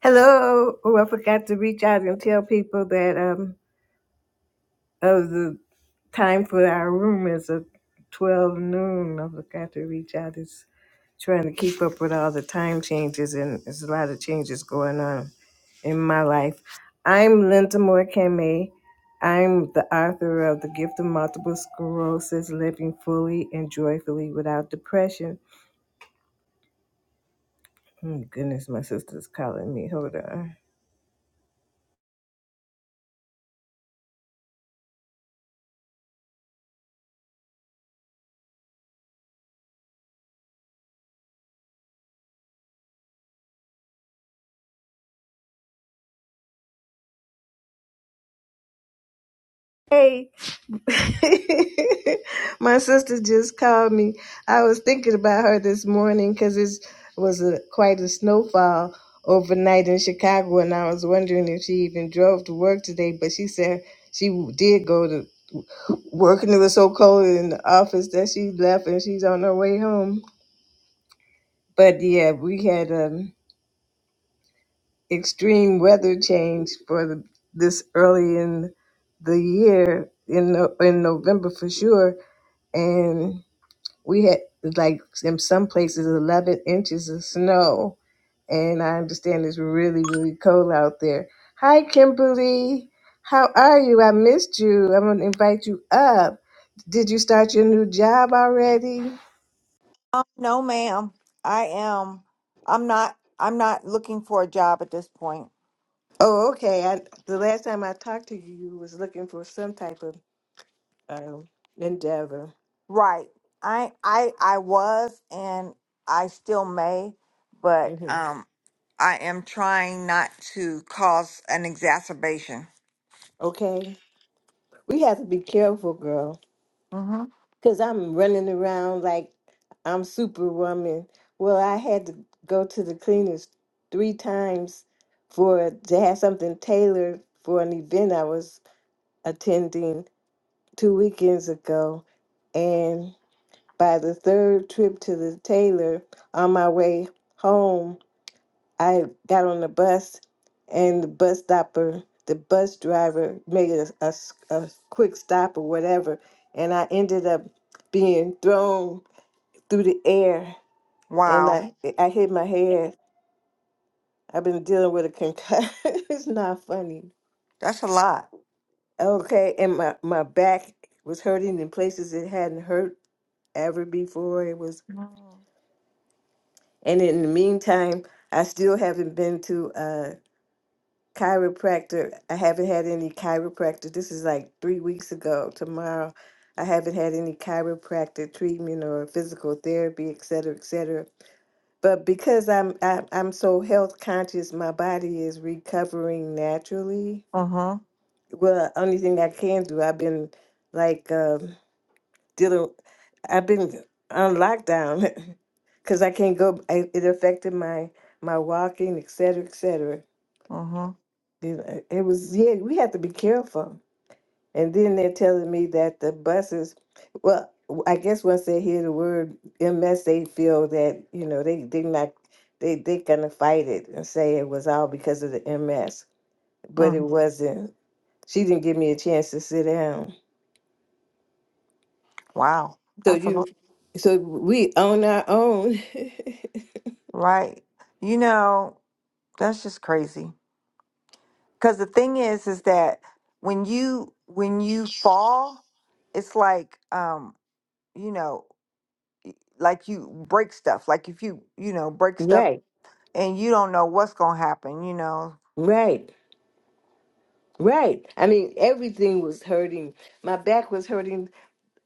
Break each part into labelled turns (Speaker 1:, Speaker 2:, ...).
Speaker 1: Hello. Oh, I forgot to reach out and tell people that um of the time for our room is at twelve noon. I forgot to reach out. It's trying to keep up with all the time changes and there's a lot of changes going on in my life. I'm Linda Moore Kame. I'm the author of The Gift of Multiple Sclerosis, Living Fully and Joyfully Without Depression. Oh, goodness, my sister's calling me. Hold on. Hey. My sister just called me. I was thinking about her this morning because it was a, quite a snowfall overnight in Chicago, and I was wondering if she even drove to work today. But she said she did go to work, and it was so cold in the office that she left, and she's on her way home. But yeah, we had um, extreme weather change for the, this early in the year in No- in November for sure, and. we had like in some places 11 inches of snow and i understand it's really really cold out there hi kimberly how are you i missed you i'm going to invite you up did you start your new job already
Speaker 2: Um, no, ma'am. I am. I'm not. I'm not looking for a job at this point.
Speaker 1: oh okay I, the last time i talked to you you was looking for some type of um, endeavor
Speaker 2: Right. I. I. I was, and I still may, but
Speaker 1: hmm
Speaker 2: um, I am trying not to cause an exacerbation.
Speaker 1: okay we have to be careful girl
Speaker 2: Mm-hmm.
Speaker 1: because I'm running around like I'm Superwoman. Well, I had to go to the cleaners three times for to have something tailored for an event I was attending two weekends ago. And by the third trip to the tailor, on my way home, I got on the bus, and the bus stopper, the bus driver made a, a s- a quick stop or whatever, and I ended up being thrown through the air and
Speaker 2: Wow,
Speaker 1: I I hit my head. I've been dealing with a concussion. it's not funny.
Speaker 2: that's a lot.
Speaker 1: Okay, and my, my back was hurting in places it hadn't hurt ever before. It was
Speaker 2: Mm-hmm.
Speaker 1: and in the meantime, I still haven't been to a chiropractor. I haven't had any chiropractor. This is like three weeks ago. Tomorrow I haven't had any chiropractor treatment or physical therapy, et cetera, et cetera. But because I'm I, I'm so health conscious, my body is recovering naturally.
Speaker 2: Mm-hmm.
Speaker 1: Well, only thing I can do, I've been like um dealing. I've been on lockdown because I can't go. I, it affected my my walking, et cetera, et cetera. You know, It was yeah. We have to be careful. And then they're telling me that the buses, well, I guess once they hear the word MS, they feel that, you know, they, they not, they, they gonna fight it and say it was all because of the MS, but it
Speaker 2: Mm-hmm.
Speaker 1: wasn't. She didn't give me a chance to sit down.
Speaker 2: Wow,
Speaker 1: So
Speaker 2: that's a
Speaker 1: you,
Speaker 2: lot.
Speaker 1: so we on our own.
Speaker 2: Right. You know, that's just crazy. Because the thing is, is that when you when you fall, it's like um, you know, like you break stuff. Like if you you know break stuff
Speaker 1: Right,
Speaker 2: and you don't know what's gonna happen, you know.
Speaker 1: right, right. I mean, everything was hurting. My back was hurting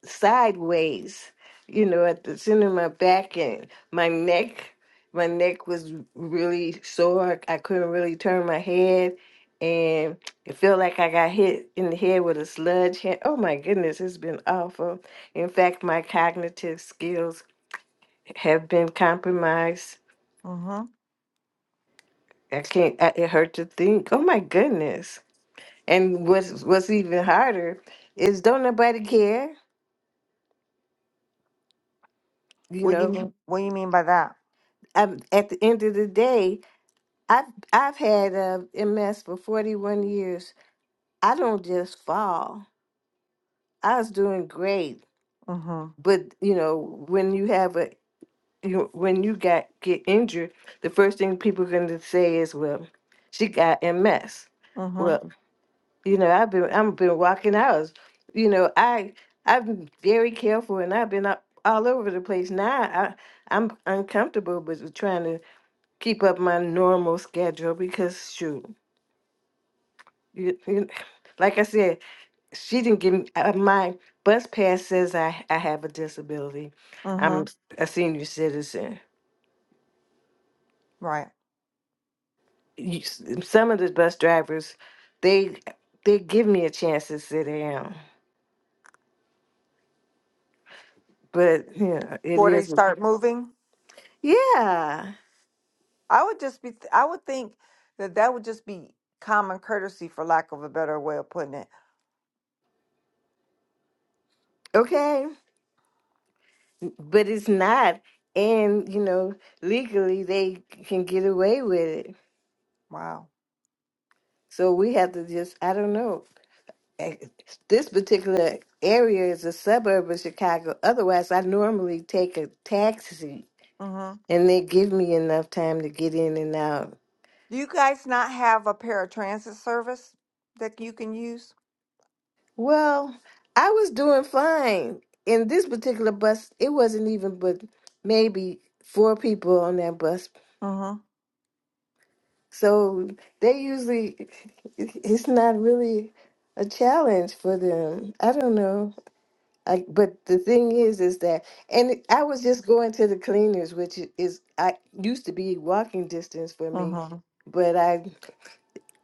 Speaker 1: sideways, you know, at the center of my back and my neck. My neck was really sore. I couldn't really turn my head. And it felt like I got hit in the head with a sludge hand. Oh my goodness, it's been awful. In fact, my cognitive skills have been compromised.
Speaker 2: Mm-hmm.
Speaker 1: I can't, I, it hurt to think. Oh my goodness. And what's, what's even harder is don't nobody care. You
Speaker 2: What do you
Speaker 1: know,
Speaker 2: mean? What do you mean by that?
Speaker 1: I'm, at the end of the day, I've I've had uh, MS for 41 years. I don't just fall. I was doing great,
Speaker 2: Mm-hmm.
Speaker 1: but you know when you have a you when you got get injured, the first thing people are going to say is, "Well, she got MS."
Speaker 2: Mm-hmm.
Speaker 1: Well, you know I've been I've been walking hours. You know I I've been very careful and I've been up all over the place. Now I I'm uncomfortable with trying to keep up my normal schedule because shoot. You, you, like I said, she didn't give me uh, my bus pass says I, I have a disability. I'm
Speaker 2: Mm-hmm.
Speaker 1: a senior citizen.
Speaker 2: Right.
Speaker 1: You, s- some of the bus drivers, they they give me a chance to sit down, but yeah, it
Speaker 2: Before they
Speaker 1: is.
Speaker 2: start moving,
Speaker 1: Yeah,
Speaker 2: I would just be. I would think that that would just be common courtesy, for lack of a better way of putting it.
Speaker 1: okay, but it's not, and you know, legally they can get away with it.
Speaker 2: Wow.
Speaker 1: So we have to just I don't know. this particular area is a suburb of Chicago. Otherwise, I normally take a taxi and they give me enough time to get in and out.
Speaker 2: Do you guys not have a paratransit service that you can use?
Speaker 1: Well, I was doing fine. In this particular bus, it wasn't even but maybe four people on that bus.
Speaker 2: Mm-hmm.
Speaker 1: So they usually, it's not really a challenge for them. I don't know. I, but the thing is, is that, and it- I was just going to the cleaners, which i- is I used to be walking distance for me,
Speaker 2: Mm-hmm.
Speaker 1: but I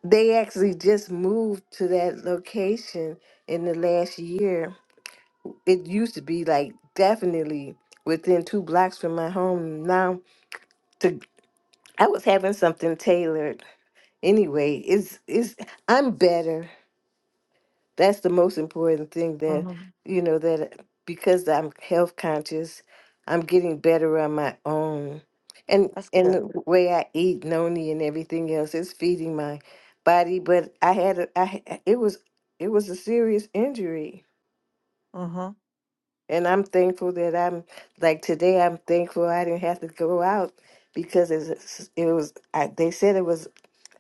Speaker 1: they actually just moved to that location in the last year. It used to be like definitely within two blocks from my home. Now to I was having something tailored. Anyway, it's it's I'm better. that's the most important thing that
Speaker 2: Mm-hmm.
Speaker 1: you know that because i'm health conscious i'm getting better on my own and
Speaker 2: That's
Speaker 1: and
Speaker 2: good.
Speaker 1: the way i eat noni and everything else is feeding my body but i had a, I, ha- it was it was a serious injury
Speaker 2: Mm-hmm.
Speaker 1: and i'm thankful that i'm like today i'm thankful i didn't have to go out because it was, it was I, they said it was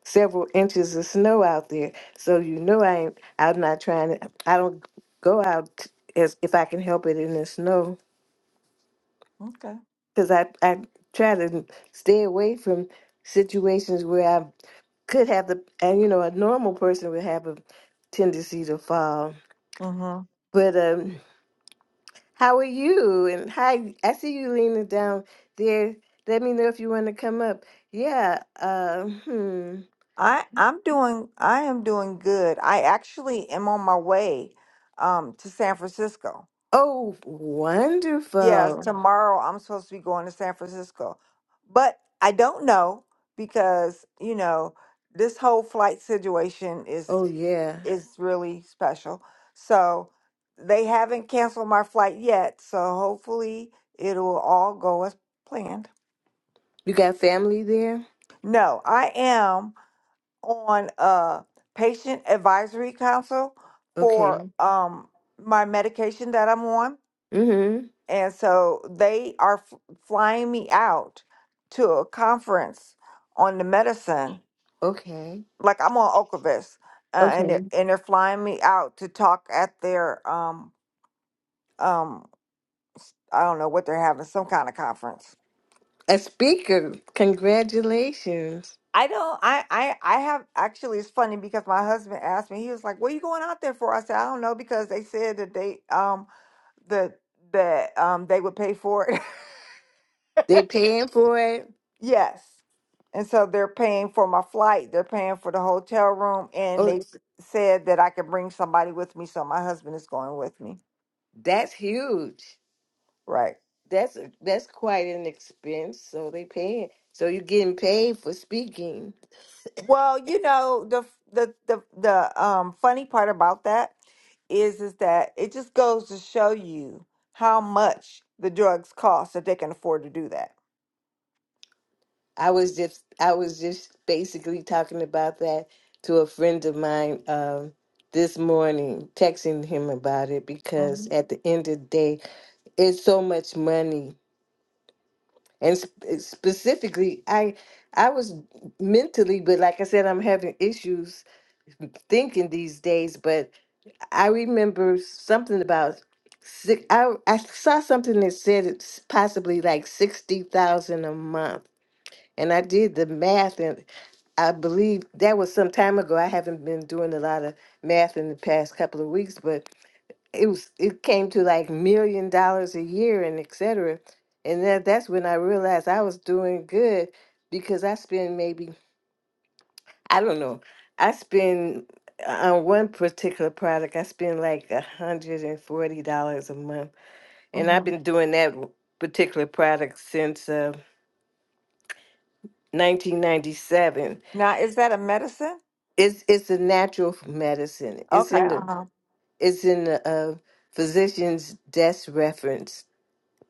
Speaker 1: several inches of snow out there. So you know I ain't, I'm not trying to, I don't go out as if I can help it in the snow
Speaker 2: Okay.
Speaker 1: because I, I try to stay away from situations where I could have the, and you know, a normal person would have a tendency to fall.
Speaker 2: Mm-hmm.
Speaker 1: But um, how are you? And hi, I see you leaning down there. Let me know if you want to come up. Yeah. Uh, hmm.
Speaker 2: I I'm doing I am doing good. I actually am on my way um to San Francisco.
Speaker 1: Oh,
Speaker 2: Yes,
Speaker 1: wonderful.
Speaker 2: tomorrow I'm supposed to be going to San Francisco. But I don't know because, you know, this whole flight situation is
Speaker 1: Oh, yeah.
Speaker 2: is really special. So they haven't canceled my flight yet. So hopefully it will all go as planned.
Speaker 1: You got family there?
Speaker 2: No, I am on a patient advisory council for Okay.
Speaker 1: Okay.
Speaker 2: um my medication that I'm on,
Speaker 1: Mm-hmm.
Speaker 2: and so they are f- flying me out to a conference on the medicine.
Speaker 1: Okay.
Speaker 2: Like I'm on Ocrevus, uh, and they're,
Speaker 1: Okay.
Speaker 2: and they're flying me out to talk at their um um I don't know what they're having, some kind of conference.
Speaker 1: A speaker. Congratulations.
Speaker 2: I don't I I I have actually it's funny because my husband asked me, he was like, What are you going out there for? I said, I don't know, because they said that they um that that um they would pay for it.
Speaker 1: They paying for it.
Speaker 2: yes. And so they're paying for my flight, they're paying for the hotel room, and
Speaker 1: Oh,
Speaker 2: they s- said that I could bring somebody with me, so my husband is going with me.
Speaker 1: that's huge.
Speaker 2: Right.
Speaker 1: That's that's quite an expense. So they paying. So you're getting paid for speaking.
Speaker 2: Well, you know, the the the the um funny part about that is is that it just goes to show you how much the drugs cost if they can afford to do that.
Speaker 1: I was just I was just basically talking about that to a friend of mine um this morning, texting him about it because
Speaker 2: hmm
Speaker 1: at the end of the day, it's so much money and sp- eh, specifically i i was mentally but like i said i'm having issues thinking these days but i remember something about six i, I saw something that said it's possibly like 60000 a month and i did the math and i believe that was some time ago i haven't been doing a lot of math in the past couple of weeks but it was it came to like million dollars a year and et cetera. And that that's when I realized I was doing good because I spend maybe I don't know. I spend uh, on one particular product, I spend like a hundred and forty dollars a month, and I've
Speaker 2: hmm
Speaker 1: been doing that w- particular product since uh, 1997.
Speaker 2: Now, is that a medicine?
Speaker 1: It's it's a natural f- medicine. It's
Speaker 2: Okay.
Speaker 1: in the
Speaker 2: Uh-huh.
Speaker 1: it's in the uh, physician's desk reference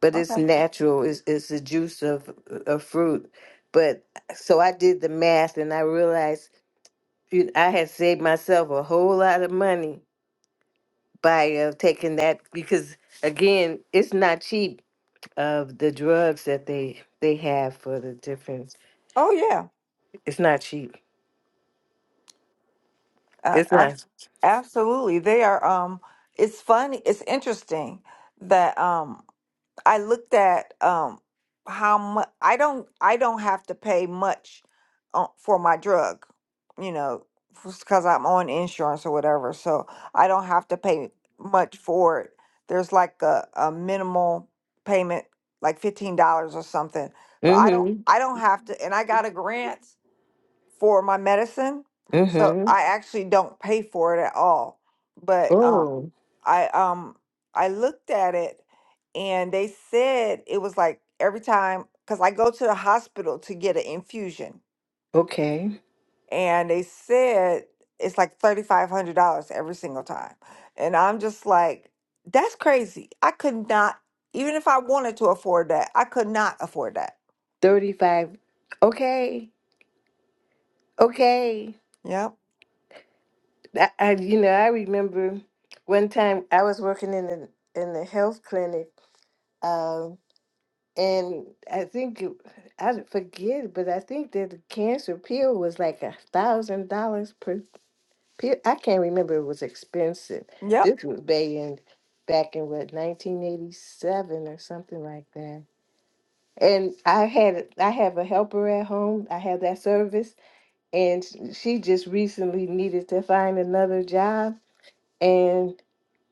Speaker 1: but
Speaker 2: Okay.
Speaker 1: it's natural. It's it's the juice of of fruit. But so I did the math, and I realized you- I had saved myself a whole lot of money by uh, taking that because again, it's not cheap of the drugs that they they have for the difference.
Speaker 2: Oh yeah.
Speaker 1: It's not cheap.
Speaker 2: Uh,
Speaker 1: It's
Speaker 2: ab-
Speaker 1: not.
Speaker 2: absolutely. They are um it's funny, it's interesting that um I looked at um how much I don't I don't have to pay much uh, for my drug, you know, because I'm on insurance or whatever, so I don't have to pay much for it. There's like a, a minimal payment, like fifteen dollars or something, but I don't
Speaker 1: Mm-hmm.
Speaker 2: I don't have to, and I got a grant for my medicine, so
Speaker 1: Mm-hmm.
Speaker 2: I actually don't pay for it at all. But um,
Speaker 1: Oh,
Speaker 2: I um I looked at it and they said it was like every time because I go to the hospital to get an infusion
Speaker 1: okay.
Speaker 2: and they said it's like thirty five hundred dollars every single time. And I'm just like, that's crazy. I could not even if I wanted to afford that, I could not afford that.
Speaker 1: Thirty-five. Okay. Okay.
Speaker 2: Yep.
Speaker 1: I, I you know I remember one time I was working in the in the health clinic, um, and I think it, I d- forget, but I think that the cancer pill was like a thousand dollars per pill. I can't remember; it was expensive.
Speaker 2: Yep.
Speaker 1: This was back in back in what nineteen eighty seven or something like that. And I had I have a helper at home. I have that service, and she she just recently needed to find another job. and.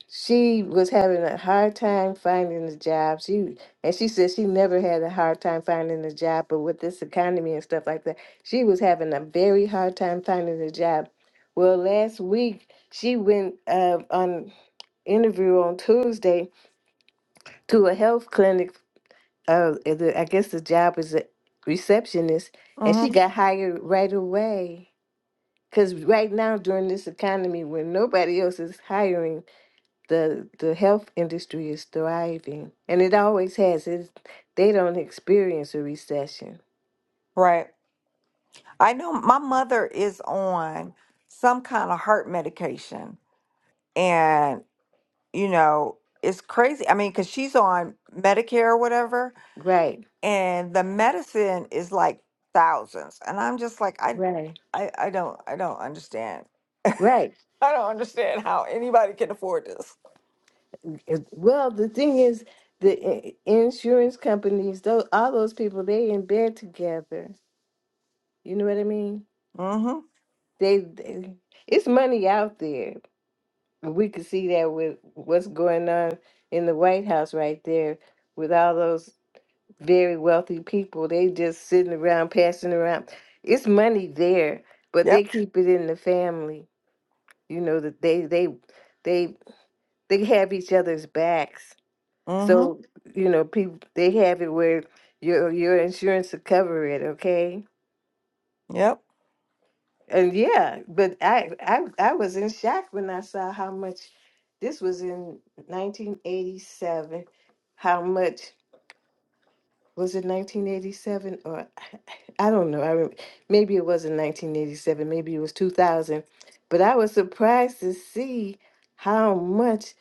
Speaker 1: she was having a hard time finding a job. She and she said she never had a hard time finding a job, but with this economy and stuff like that, she was having a very hard time finding a job. Well, last week she went uh, on interview on Tuesday to a health clinic. Uh, the- I guess the job is a receptionist, and she
Speaker 2: Mm-hmm.
Speaker 1: got hired right away. Cause right now during this economy, when nobody else is hiring the the health industry is thriving and it always has it's, they don't experience a recession
Speaker 2: Right. I know my mother is on some kind of heart medication and. you know, it's crazy. I mean, because she's on Medicare or whatever,
Speaker 1: right
Speaker 2: and the medicine is like thousands. And I'm just like, I,
Speaker 1: right
Speaker 2: I, I don't, I don't understand.
Speaker 1: right
Speaker 2: I don't understand how anybody can afford this.
Speaker 1: It- well the thing is the i- insurance companies those all those people they in bed together you know what i mean
Speaker 2: Mm-hmm.
Speaker 1: they, they it's money out there we could see that with what's going on in the white house right there with all those very wealthy people. They just sitting around, passing around. It's money there, but they
Speaker 2: Yep.
Speaker 1: keep it in the family. You know that they they they they have each other's backs.
Speaker 2: Mm-hmm.
Speaker 1: So you know people they have it where your your insurance will cover it. Okay,
Speaker 2: Yep.
Speaker 1: and yeah, but I I I was in shock when I saw how much this was in 1987. How much? was it 1987 or I don't know. I rem maybe it wasn't 1987, maybe it was 2000, but I was surprised to see how much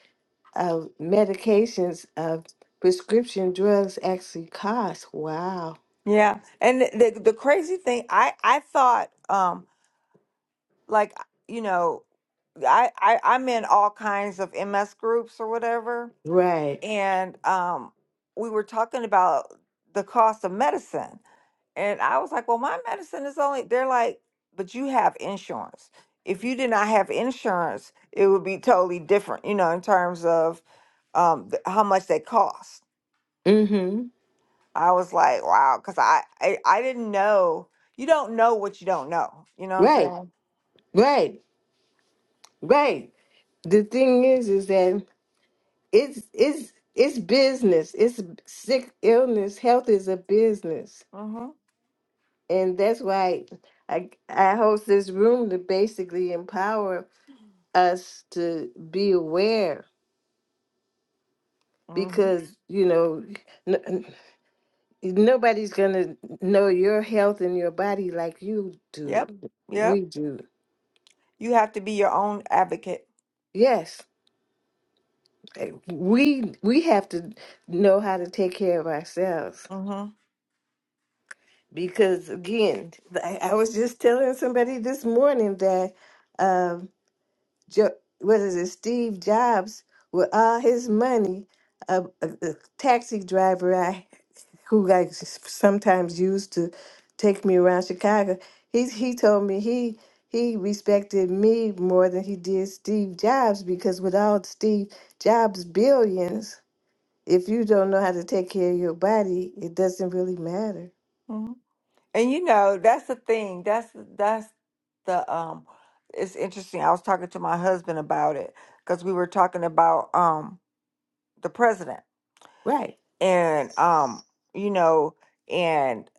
Speaker 1: of medications of prescription drugs actually cost. Wow.
Speaker 2: Yeah. And the the the crazy thing, I I thought, um, like you know, I, I I'm in all kinds of MS groups or whatever,
Speaker 1: Right.
Speaker 2: and um, we were talking about the cost of medicine. And I was like, well, my medicine is only, they're like, but you have insurance. If you did not have insurance, it would be totally different, you know, in terms of um, th- how much they cost.
Speaker 1: Mm-hmm.
Speaker 2: I was like, wow, because I, I, I didn't know. You don't know what you don't know. You know what I'm
Speaker 1: Right.
Speaker 2: saying?
Speaker 1: Right. Right. The thing is is that it's it's it's business. It's sick illness. Health is a business.
Speaker 2: Mm-hmm.
Speaker 1: and that's why I I host this room to basically empower us to be aware
Speaker 2: Mm-hmm.
Speaker 1: because you know n- n- nobody's gonna know your health and your body like you do.
Speaker 2: Yep.
Speaker 1: We
Speaker 2: Yep.
Speaker 1: do.
Speaker 2: You have to be your own advocate.
Speaker 1: Yes, eh, we we have to know how to take care of ourselves
Speaker 2: Mm-hmm.
Speaker 1: because again, I, I was just telling somebody this morning that. Um, Jo- what is it, Steve Jobs, with all his money, a, a, a taxi driver I who like s- sometimes used to take me around Chicago. He he told me he he respected me more than he did Steve Jobs because with all Steve Jobs billions, if you don't know how to take care of your body, it doesn't really matter.
Speaker 2: mm-hmm. And you know, that's the thing. That's that's the um it's interesting. I was talking to my husband about it because we were talking about um the president
Speaker 1: Right?
Speaker 2: and um you know and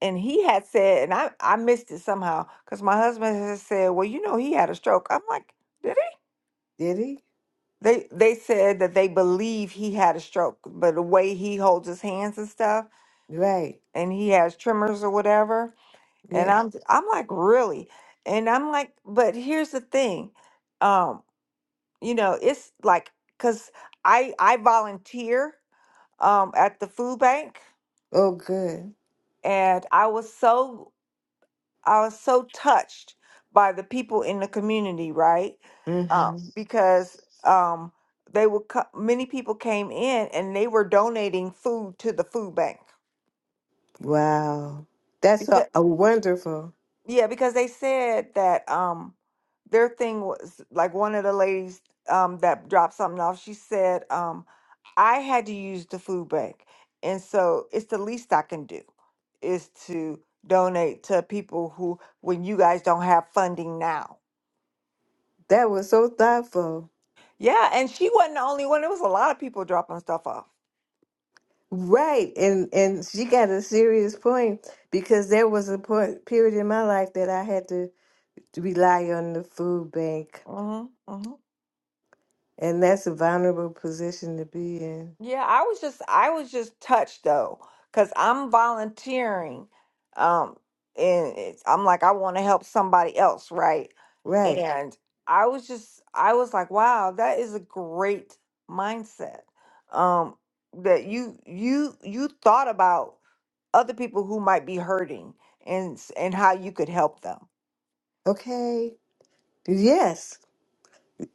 Speaker 2: and he had said and I I missed it somehow because my husband has said, well, you know, he had a stroke. I'm like, did he?
Speaker 1: Did he?
Speaker 2: They they said that they believe he had a stroke, but the way he holds his hands and stuff,
Speaker 1: Right.
Speaker 2: and he has tremors or whatever And
Speaker 1: Yes.
Speaker 2: I'm I'm like, really? And I'm like, but here's the thing. Um, you know, it's like cuz I I volunteer um at the food bank
Speaker 1: Oh, good.
Speaker 2: and I was so I was so touched by the people in the community, right? Uh,
Speaker 1: Mm-hmm.
Speaker 2: because um they were co- many people came in and they were donating food to the food bank
Speaker 1: Wow. That's so uh, wonderful.
Speaker 2: Yeah, because they said that um their thing was like one of the ladies um that dropped something off, she said, um, I had to use the food bank. And so it's the least I can do is to donate to people who when you guys don't have funding now.
Speaker 1: That was so thoughtful.
Speaker 2: Yeah, and she wasn't the only one. There was a lot of people dropping stuff off.
Speaker 1: Right. And and she got a serious point because there was a point period in my life that I had to rely on the food bank.
Speaker 2: Mm-hmm. mm-hmm.
Speaker 1: And that's a vulnerable position to be in.
Speaker 2: Yeah, I was just I was just touched though, because I'm volunteering, um, and it's, I'm like I want to help somebody else, right?
Speaker 1: Right.
Speaker 2: And I was just I was like, wow, that is a great mindset, um, that you you you thought about other people who might be hurting and s- and how you could help them,
Speaker 1: Okay. Yes.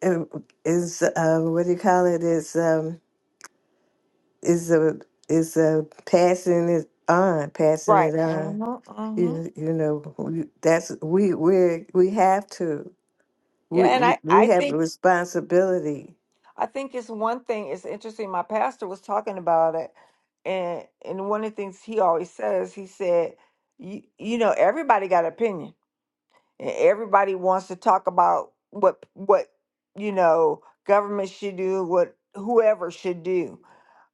Speaker 1: Uh, Is uh, what do you call it? Is um is a is a passing it on, passing
Speaker 2: right?
Speaker 1: it on.
Speaker 2: Mm-hmm, mm-hmm.
Speaker 1: You, you know, we- that's we we we have to
Speaker 2: Yeah,
Speaker 1: we
Speaker 2: and I
Speaker 1: we
Speaker 2: I
Speaker 1: have
Speaker 2: think.
Speaker 1: a responsibility.
Speaker 2: I think it's one thing. It's interesting. My pastor was talking about it, and and one of the things he always says, he said, "You you know, everybody got an opinion, and everybody wants to talk about what what you know government should do, what whoever should do,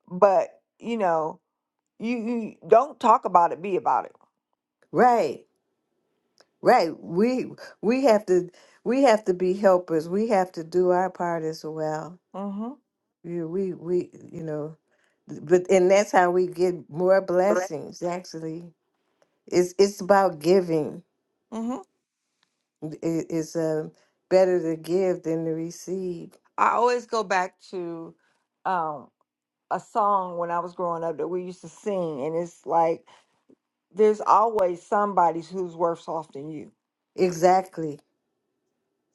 Speaker 2: but you know, you, you don't talk about it, be about it."
Speaker 1: Right, right. We we have to we have to be helpers. We have to do our part as well.
Speaker 2: Mm-hmm.
Speaker 1: You we we you know, but and that's how we get more
Speaker 2: Right.
Speaker 1: blessings. Actually, it's it's about giving.
Speaker 2: Mm-hmm.
Speaker 1: It is uh, better to give than to receive.
Speaker 2: I always go back to um, a song when I was growing up that we used to sing, and it's like. there's always somebody who's worse off than you.
Speaker 1: Exactly.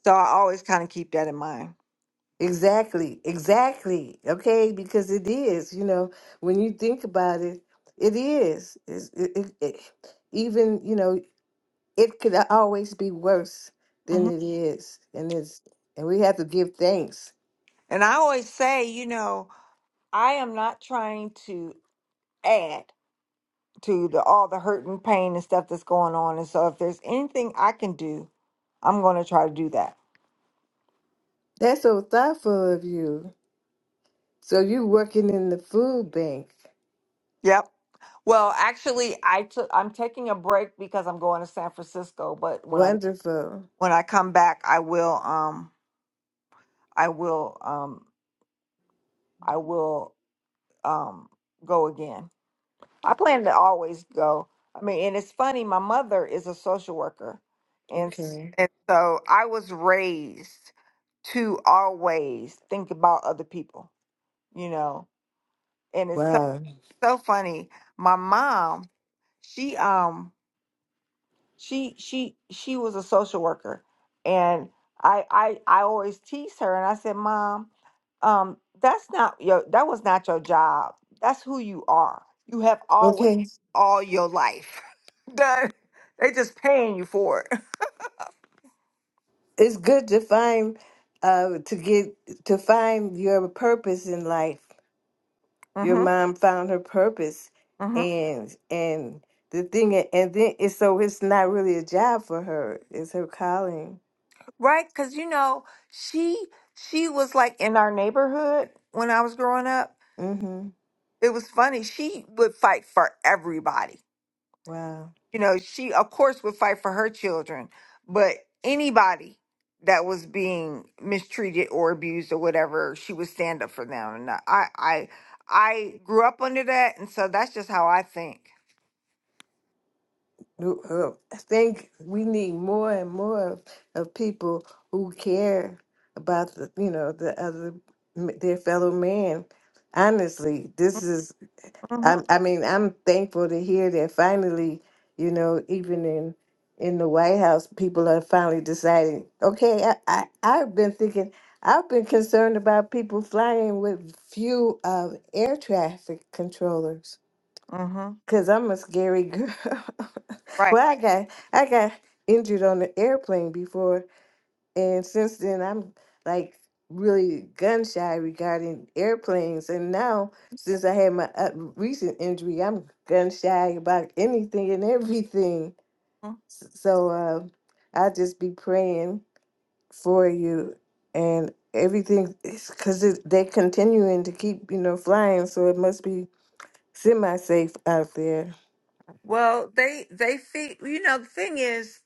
Speaker 2: So I always kind of keep that in mind.
Speaker 1: Exactly. Exactly. Okay, because it is, you know, when you think about it, it is. It's, it, it, it, even, you know, it could always be worse than
Speaker 2: hmm
Speaker 1: it is. And it's and we have to give thanks.
Speaker 2: And I always say, you know, I am not trying to add to the all the hurt and pain and stuff that's going on. And so if there's anything I can do, I'm going to try to do that.
Speaker 1: That's so thoughtful of you. So you working in the food bank.
Speaker 2: Yep. Well, actually, I took. I'm taking a break because I'm going to San Francisco. But when I
Speaker 1: Wonderful.
Speaker 2: when I come back, I will. Um, I will. Um, I will. Um, go again. I plan to always go. I mean, and it's funny. My mother is a social worker, and s-
Speaker 1: Okay.
Speaker 2: and so I was raised to always think about other people. You know, and it's so
Speaker 1: Wow.
Speaker 2: so funny. My mom, she um. she she she was a social worker and I I I always tease her and I said, "Mom, um that's not your that was not your job. That's who you are. You have always
Speaker 1: Okay.
Speaker 2: all your life done. They just paying you for it."
Speaker 1: it's good to find uh to get to find your purpose in life
Speaker 2: mm
Speaker 1: your
Speaker 2: Mhm.
Speaker 1: mom found her purpose
Speaker 2: mm Mhm.
Speaker 1: and and the thing and then it's so it's not really a job for her it's her calling
Speaker 2: Right? Cuz you know, she she was like in our neighborhood when I was growing up.
Speaker 1: mm-hmm
Speaker 2: It was funny. She would fight for everybody
Speaker 1: wow
Speaker 2: you know, she of course would fight for her children, but anybody that was being mistreated or abused or whatever, she would stand up for them. And I, I, I grew up under that, and so that's just how I think.
Speaker 1: Who- who- i think we need more and more of of people who care about the you know the other m- their fellow man honestly this is
Speaker 2: Mhm.
Speaker 1: I'm, I mean, I'm thankful to hear that finally, you know, even in in the White House, people are finally deciding. Okay, I, I I've been thinking, I've been concerned about people flying with few uh, air traffic controllers
Speaker 2: Mhm.
Speaker 1: because I'm a scary girl.
Speaker 2: Right.
Speaker 1: well, I got I got injured on the airplane before, and since then, I'm like really gun shy regarding airplanes. And now, since I had my uh, recent injury, I'm gun shy about anything and everything.
Speaker 2: Mhm.
Speaker 1: S- So uh, I'll just be praying for you and everything because they're continuing to keep, you know, flying. So it must be semi safe out there.
Speaker 2: Well, they they think you know the thing is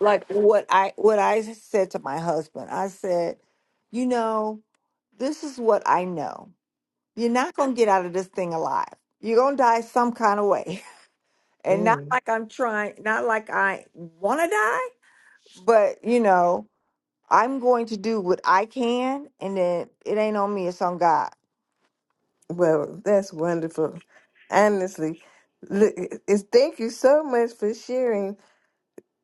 Speaker 2: like what I what I said to my husband. I said, you know, this is what I know. You're not gonna get out of this thing alive. You're gonna die some kind of way. and not
Speaker 1: Mm.
Speaker 2: like I'm trying, not like I want to die, but you know, I'm going to do what I can, and then it ain't on me, it's on God.
Speaker 1: Well, that's wonderful. Honestly, look, it's, thank you so much for sharing.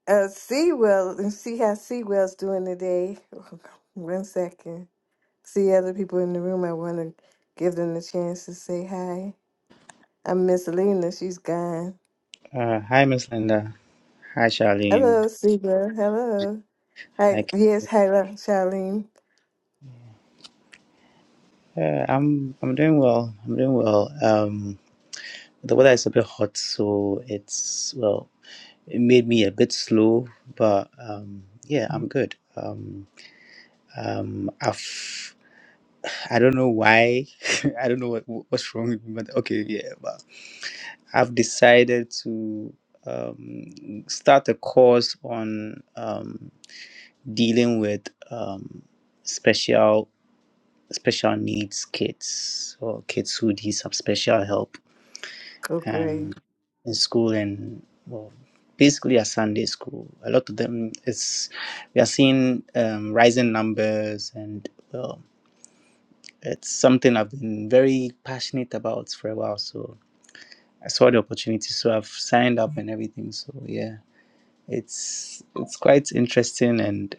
Speaker 1: Uh, Seawell and see how Seawell's doing today. One second. see other people in the room. I want to give them the chance to say hi. I'm Miss Lena. She's gone.
Speaker 3: Uh, hi, Miss Linda. Hi, Charlene.
Speaker 1: Hello, Seba. Hello.
Speaker 3: Hi.
Speaker 1: Hi.
Speaker 3: K-
Speaker 1: Yes. Hi, Charlene.
Speaker 3: Uh, I'm I'm doing well. I'm doing well. Um, the weather is a bit hot, so it's well. It made me a bit slow, but um, yeah, I'm good. Um, um, I've I don't know why. I don't know what what's wrong with me, but okay, yeah. But I've decided to um start a course on um dealing with um special special needs kids or kids who need some special help
Speaker 1: Oh, great.
Speaker 3: um, in school and well, basically at Sunday school. A lot of them is we are seeing um, rising numbers and well, it's something I've been very passionate about for a while. So I saw the opportunity, so I've signed up and everything. So yeah, it's it's quite interesting and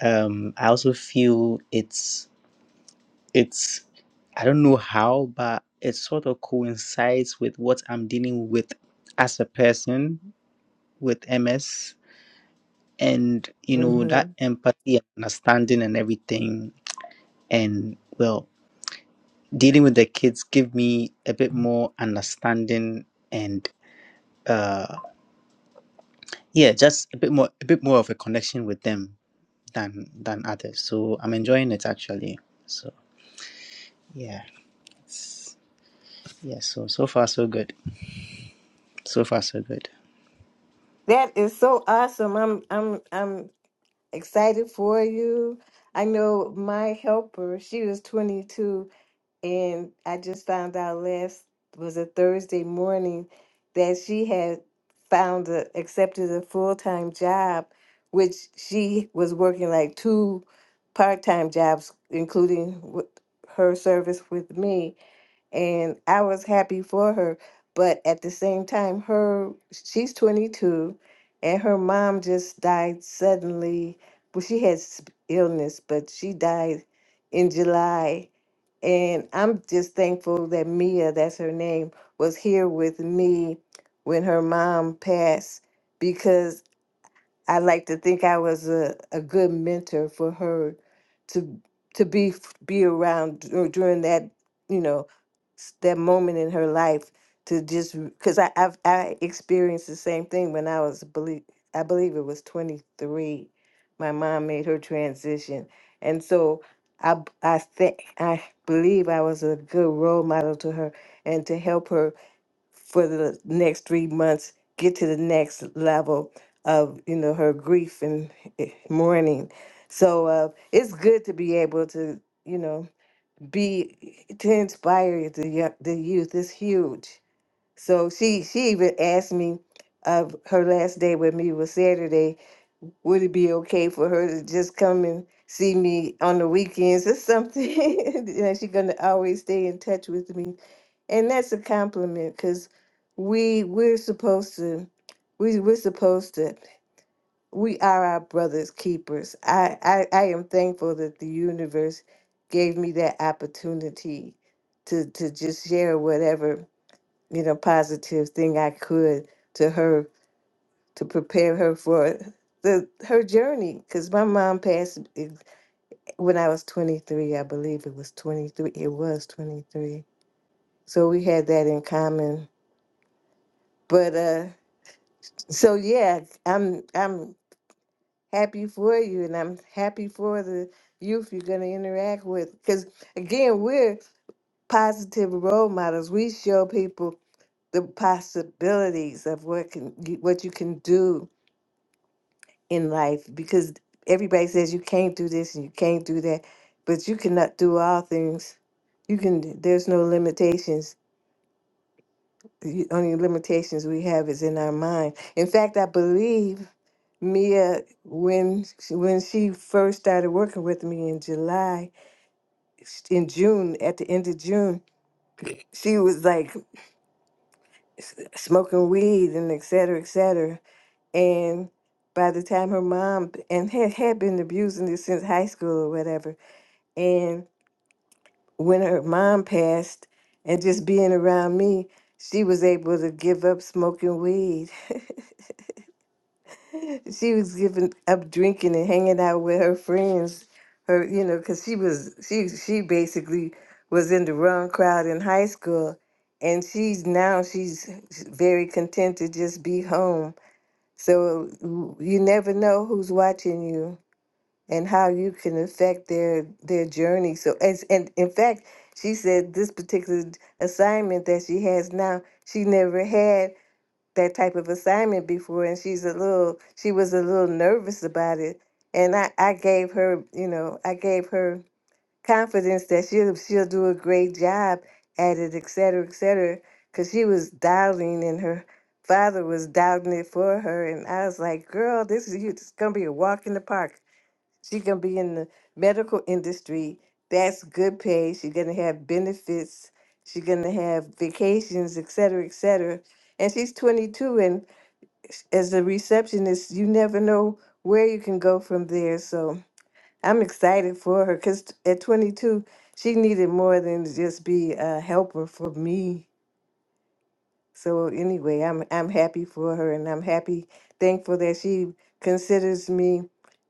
Speaker 3: um, I also feel it's it's I don't know how, but it sort of coincides with what I'm dealing with as a person with MS and you know
Speaker 1: hmm
Speaker 3: that empathy and understanding and everything and well dealing with the kids give me a bit more understanding and uh yeah just a bit more a bit more of a connection with them than than others so i'm enjoying it actually so yeah yeah so so far so good so far so good
Speaker 1: That is so awesome. I'm. I'm. I'm excited for you. I know my helper. She was 22. And I just found out last was a Thursday morning that she had found a accepted a full time job, which she was working like two part time jobs, including with her service with me. And I was happy for her, but at the same time, her she's twenty two, and her mom just died suddenly. Well, she had s- illness, but she died in July and I'm just thankful that Mia, that's her name, was here with me when her mom passed I like to think I was a, a good mentor for her to to be f- be around dur- during that you know s- that moment in her life to just because I I've, I experienced the same thing when I was believe I believe it was 23 my mom made her transition and so I b- I think I believe I was a good role model to her and to help her for the next three months get to the next level of you know her grief and eh, mourning so uh, it's good to be able to you know be to inspire the yo- the youth it's huge so she she even asked me uh, her last day with me was saturday would it be okay for her to just come and see me on the weekends or something and she's going to always stay in touch with me and that's a compliment because we we're supposed to we we're supposed to we are our brothers keepers I, I i am thankful that the universe gave me that opportunity to to just share whatever you know positive thing i could to her to prepare her for the her journey because my mom passed ex- when i was 23 i believe it was 23 it was 23 so we had that in common but uh So yeah, I'm I'm happy for you, and I'm happy for the youth you're going to interact with. Because again, we're positive role models. We show people the possibilities of what can what you can do in life. Because everybody says you can't do this and you can't do that, but you cannot do all things. You can. There's no limitations the only limitations we have is in our mind. In fact, I believe Mia, when she- when she first started working with me in July, in June, at the end of June, she was like s- smoking weed and et cetera, et cetera. And by the time her mom and had had been abusing this since high school or whatever, and when her mom passed, and just being around me, she was able to give up smoking weed. she was giving up drinking and hanging out with her friends her you know because she was she she basically was in the wrong crowd in high school and she's now she's very content to just be home so you never know who's watching you and how you can affect their their journey so as and in fact she said this particular assignment that she has now she never had that type of assignment before and she's a little she was a little nervous about it and I, I gave her you know I gave her confidence that she'll she'll do a great job at it et cetera et cetera because she was doubting and her father was doubting it for her and I was like girl this is you it's gonna be a walk in the park she's gonna be in the medical industry that's good pay she's gonna have benefits she's gonna have vacations et cetera et cetera and she's 22 and as a receptionist, you never know where you can go from there. So I'm excited for her because at 22, she needed more than to just be a helper for me. So anyway, I'm I'm happy for her, and I'm happy, thankful that she considers me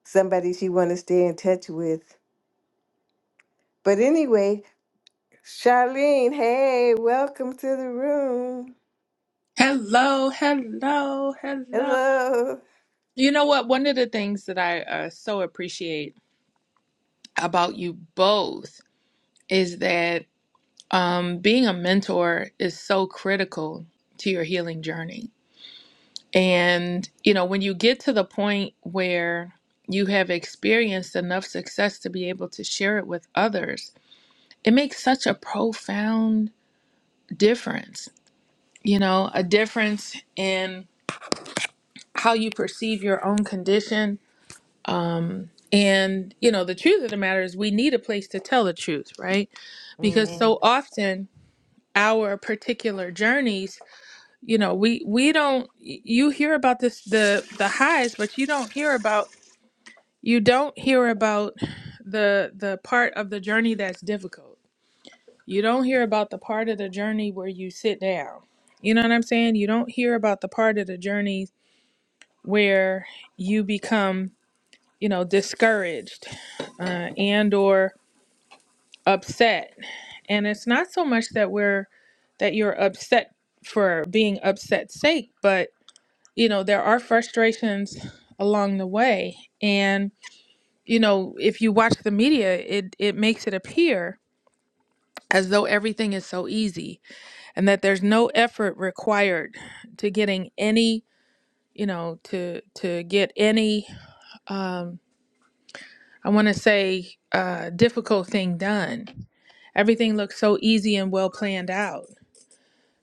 Speaker 1: somebody she want to stay in touch with. But anyway, Charlene, hey, welcome to the room.
Speaker 4: Hello, hello, hello.
Speaker 1: Hello.
Speaker 4: You know what? One of the things that I uh, so appreciate about you both is that um, being a mentor is so critical to your healing journey. And, you know, when you get to the point where you have experienced enough success to be able to share it with others, it makes such a profound difference, you know, a difference in how you perceive your own condition And, you know, the truth of the matter is we need a place to tell the truth, right? Because Mm.
Speaker 1: Mhm.
Speaker 4: so often our particular journeys, you know, we we don't y- you hear about this the the highs, but you don't hear about you don't hear about the the part of the journey that's difficult. You don't hear about the part of the journey where you sit down. You know what I'm saying? You don't hear about the part of the journey where you become, you know, discouraged uh, and or upset And it's not so much that we're that you're upset for being upset sake, but you know, there are frustrations along the way. And you know, if you watch the media, it it makes it appear as though everything is so easy and that there's no effort required to getting any, you know, to to get any um I want to say uh difficult thing done. Everything looks so easy and well planned out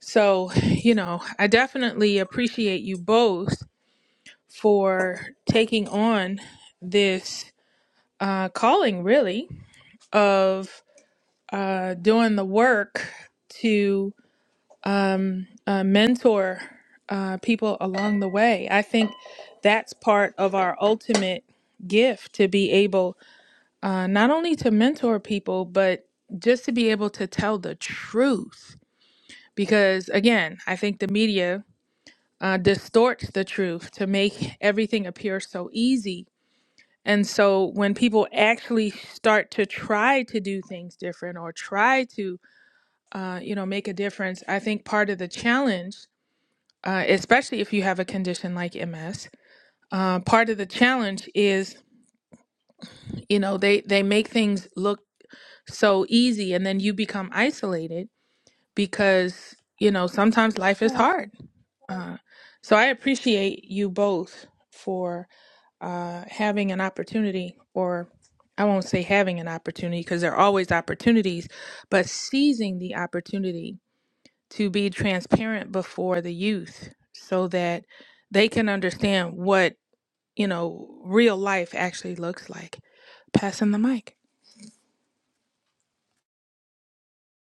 Speaker 4: So, you know, I definitely appreciate you both for taking on this uh, calling, really, of uh, doing the work to um, uh, mentor uh, people along the way. I think that's part of our ultimate gift to be able uh, not only to mentor people, but just to be able to tell the truth. Because again, I think the media uh, distorts the truth to make everything appear so easy. And so when people actually start to try to do things different or try to, uh, you know, make a difference, I think part of the challenge, uh, especially if you have a condition like MS, uh, part of the challenge is, you know, they they make things look so easy, and then you become isolated because you know sometimes life is
Speaker 5: Well,
Speaker 4: hard. Uh, so I appreciate you both for uh, having an opportunity, or I won't say having an opportunity because there are always opportunities, but seizing the opportunity to be transparent before the youth so that they can understand what, you know, real life actually looks like. Passing the mic.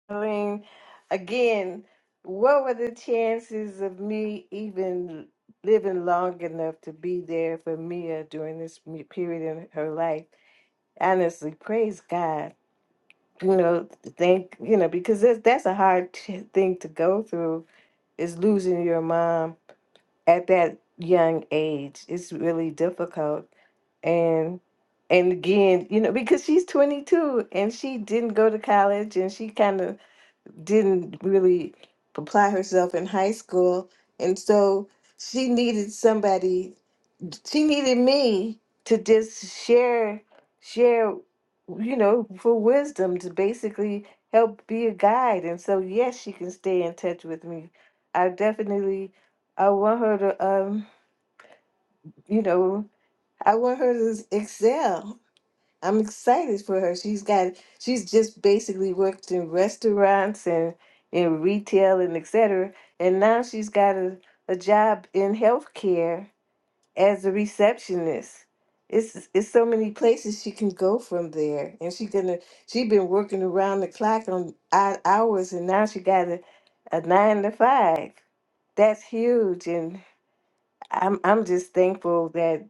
Speaker 1: I mean, again, what were the chances of me even living long enough to be there for Mia during this me- period in her life? Honestly, praise God. You know, thank you know because that's that's a hard t- thing to go through is losing your mom at that young age. It's really difficult. And and again, you know, because she's 22 and she didn't go to college and she kind of didn't really apply herself in high school. And so she needed somebody, she needed me to just share share you know, for wisdom to basically help be a guide. And so yes, she can stay in touch with me. I definitely I want her to. um you know, I want her to excel. I'm excited for her. She's got she's just basically worked in restaurants and in retail and et cetera. And now she's got a, a job in healthcare as a receptionist. It's it's so many places she can go from there. And she gonna she has been working around the clock on odd hours and now she got a, a nine to five. That's huge and I'm I'm just thankful that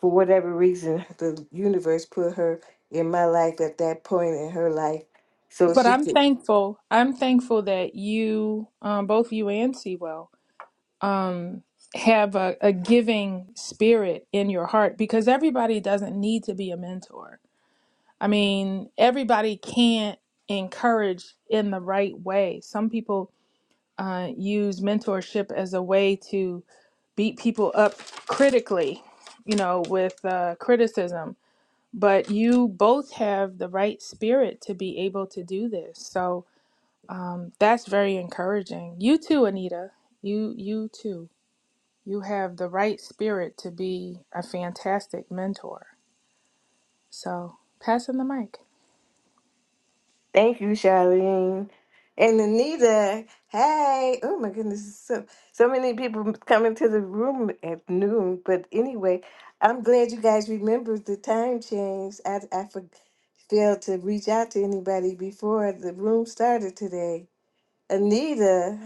Speaker 1: for whatever reason, the universe put her in my life at that point in her life. So
Speaker 4: But
Speaker 1: she
Speaker 4: I'm
Speaker 1: could.
Speaker 4: thankful. I'm thankful that you, um, both you and Sewell, um, have a, a giving spirit in your heart because everybody doesn't need to be a mentor I mean, everybody can't encourage in the right way. Some people uh, use mentorship as a way to beat people up critically, you know, with uh, criticism. But you both have the right spirit to be able to do this. So um, that's very encouraging. You too, Anita. You, you too. You have the right spirit to be a fantastic mentor. So passing the mic.
Speaker 1: Thank you, Charlene. And Anita, hey, oh my goodness, so so many people coming to the room at noon. But anyway, I'm glad you guys remembered the time change. I I for, failed to reach out to anybody before the room started today. Anita,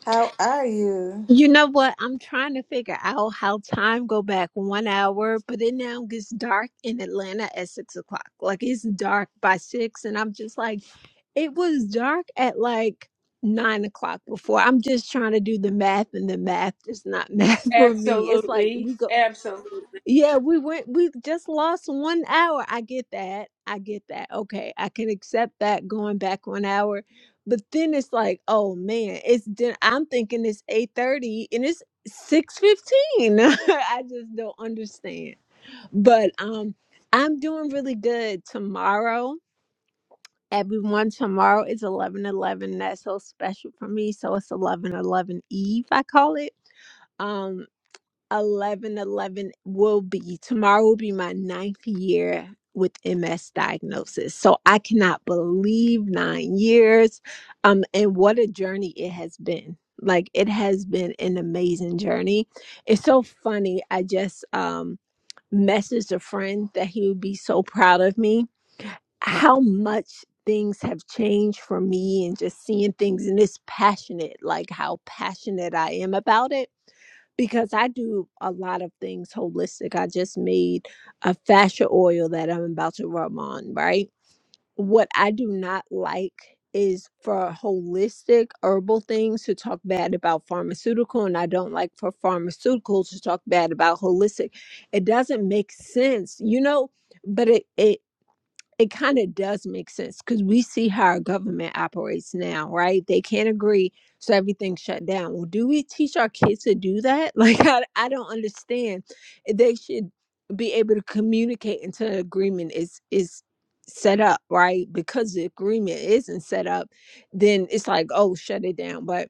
Speaker 1: how are you?
Speaker 6: You know what? I'm trying to figure out how time go back one hour, but it now gets dark in Atlanta at six o'clock. Like it's dark by six, and I'm just like, it was dark at like nine o'clock before. I'm just trying to do the math, and the math is not math for me. It's like
Speaker 4: Absolutely.
Speaker 6: we go.
Speaker 4: Absolutely.
Speaker 6: Yeah, we went we just lost one hour. I get that. I get that. Okay. I can accept that going back one hour. But then it's like, oh man, it's din- I'm thinking it's 8:30 and it's 6:15. I just don't understand. But um I'm doing really good tomorrow. Everyone, tomorrow is 11 11. That's so special for me. So it's 11 11 Eve, I call it. Um. 11, 11 will be tomorrow will be my ninth year with ms diagnosis so i cannot believe nine years um and what a journey it has been like it has been an amazing journey it's so funny i just um messaged a friend that he would be so proud of me how much things have changed for me and just seeing things and it's passionate like how passionate i am about it because i do a lot of things holistic i just made a fascia oil that i'm about to rub on right what i do not like is for holistic herbal things to talk bad about pharmaceutical and i don't like for pharmaceutical to talk bad about holistic it doesn't make sense you know but it, it it kind of does make sense because we see how our government operates now, right? They can't agree, so everything's shut down. Well, do we teach our kids to do that? Like, I, I don't understand. They should be able to communicate until an agreement is is set up, right? Because the agreement isn't set up, then it's like, oh, shut it down. But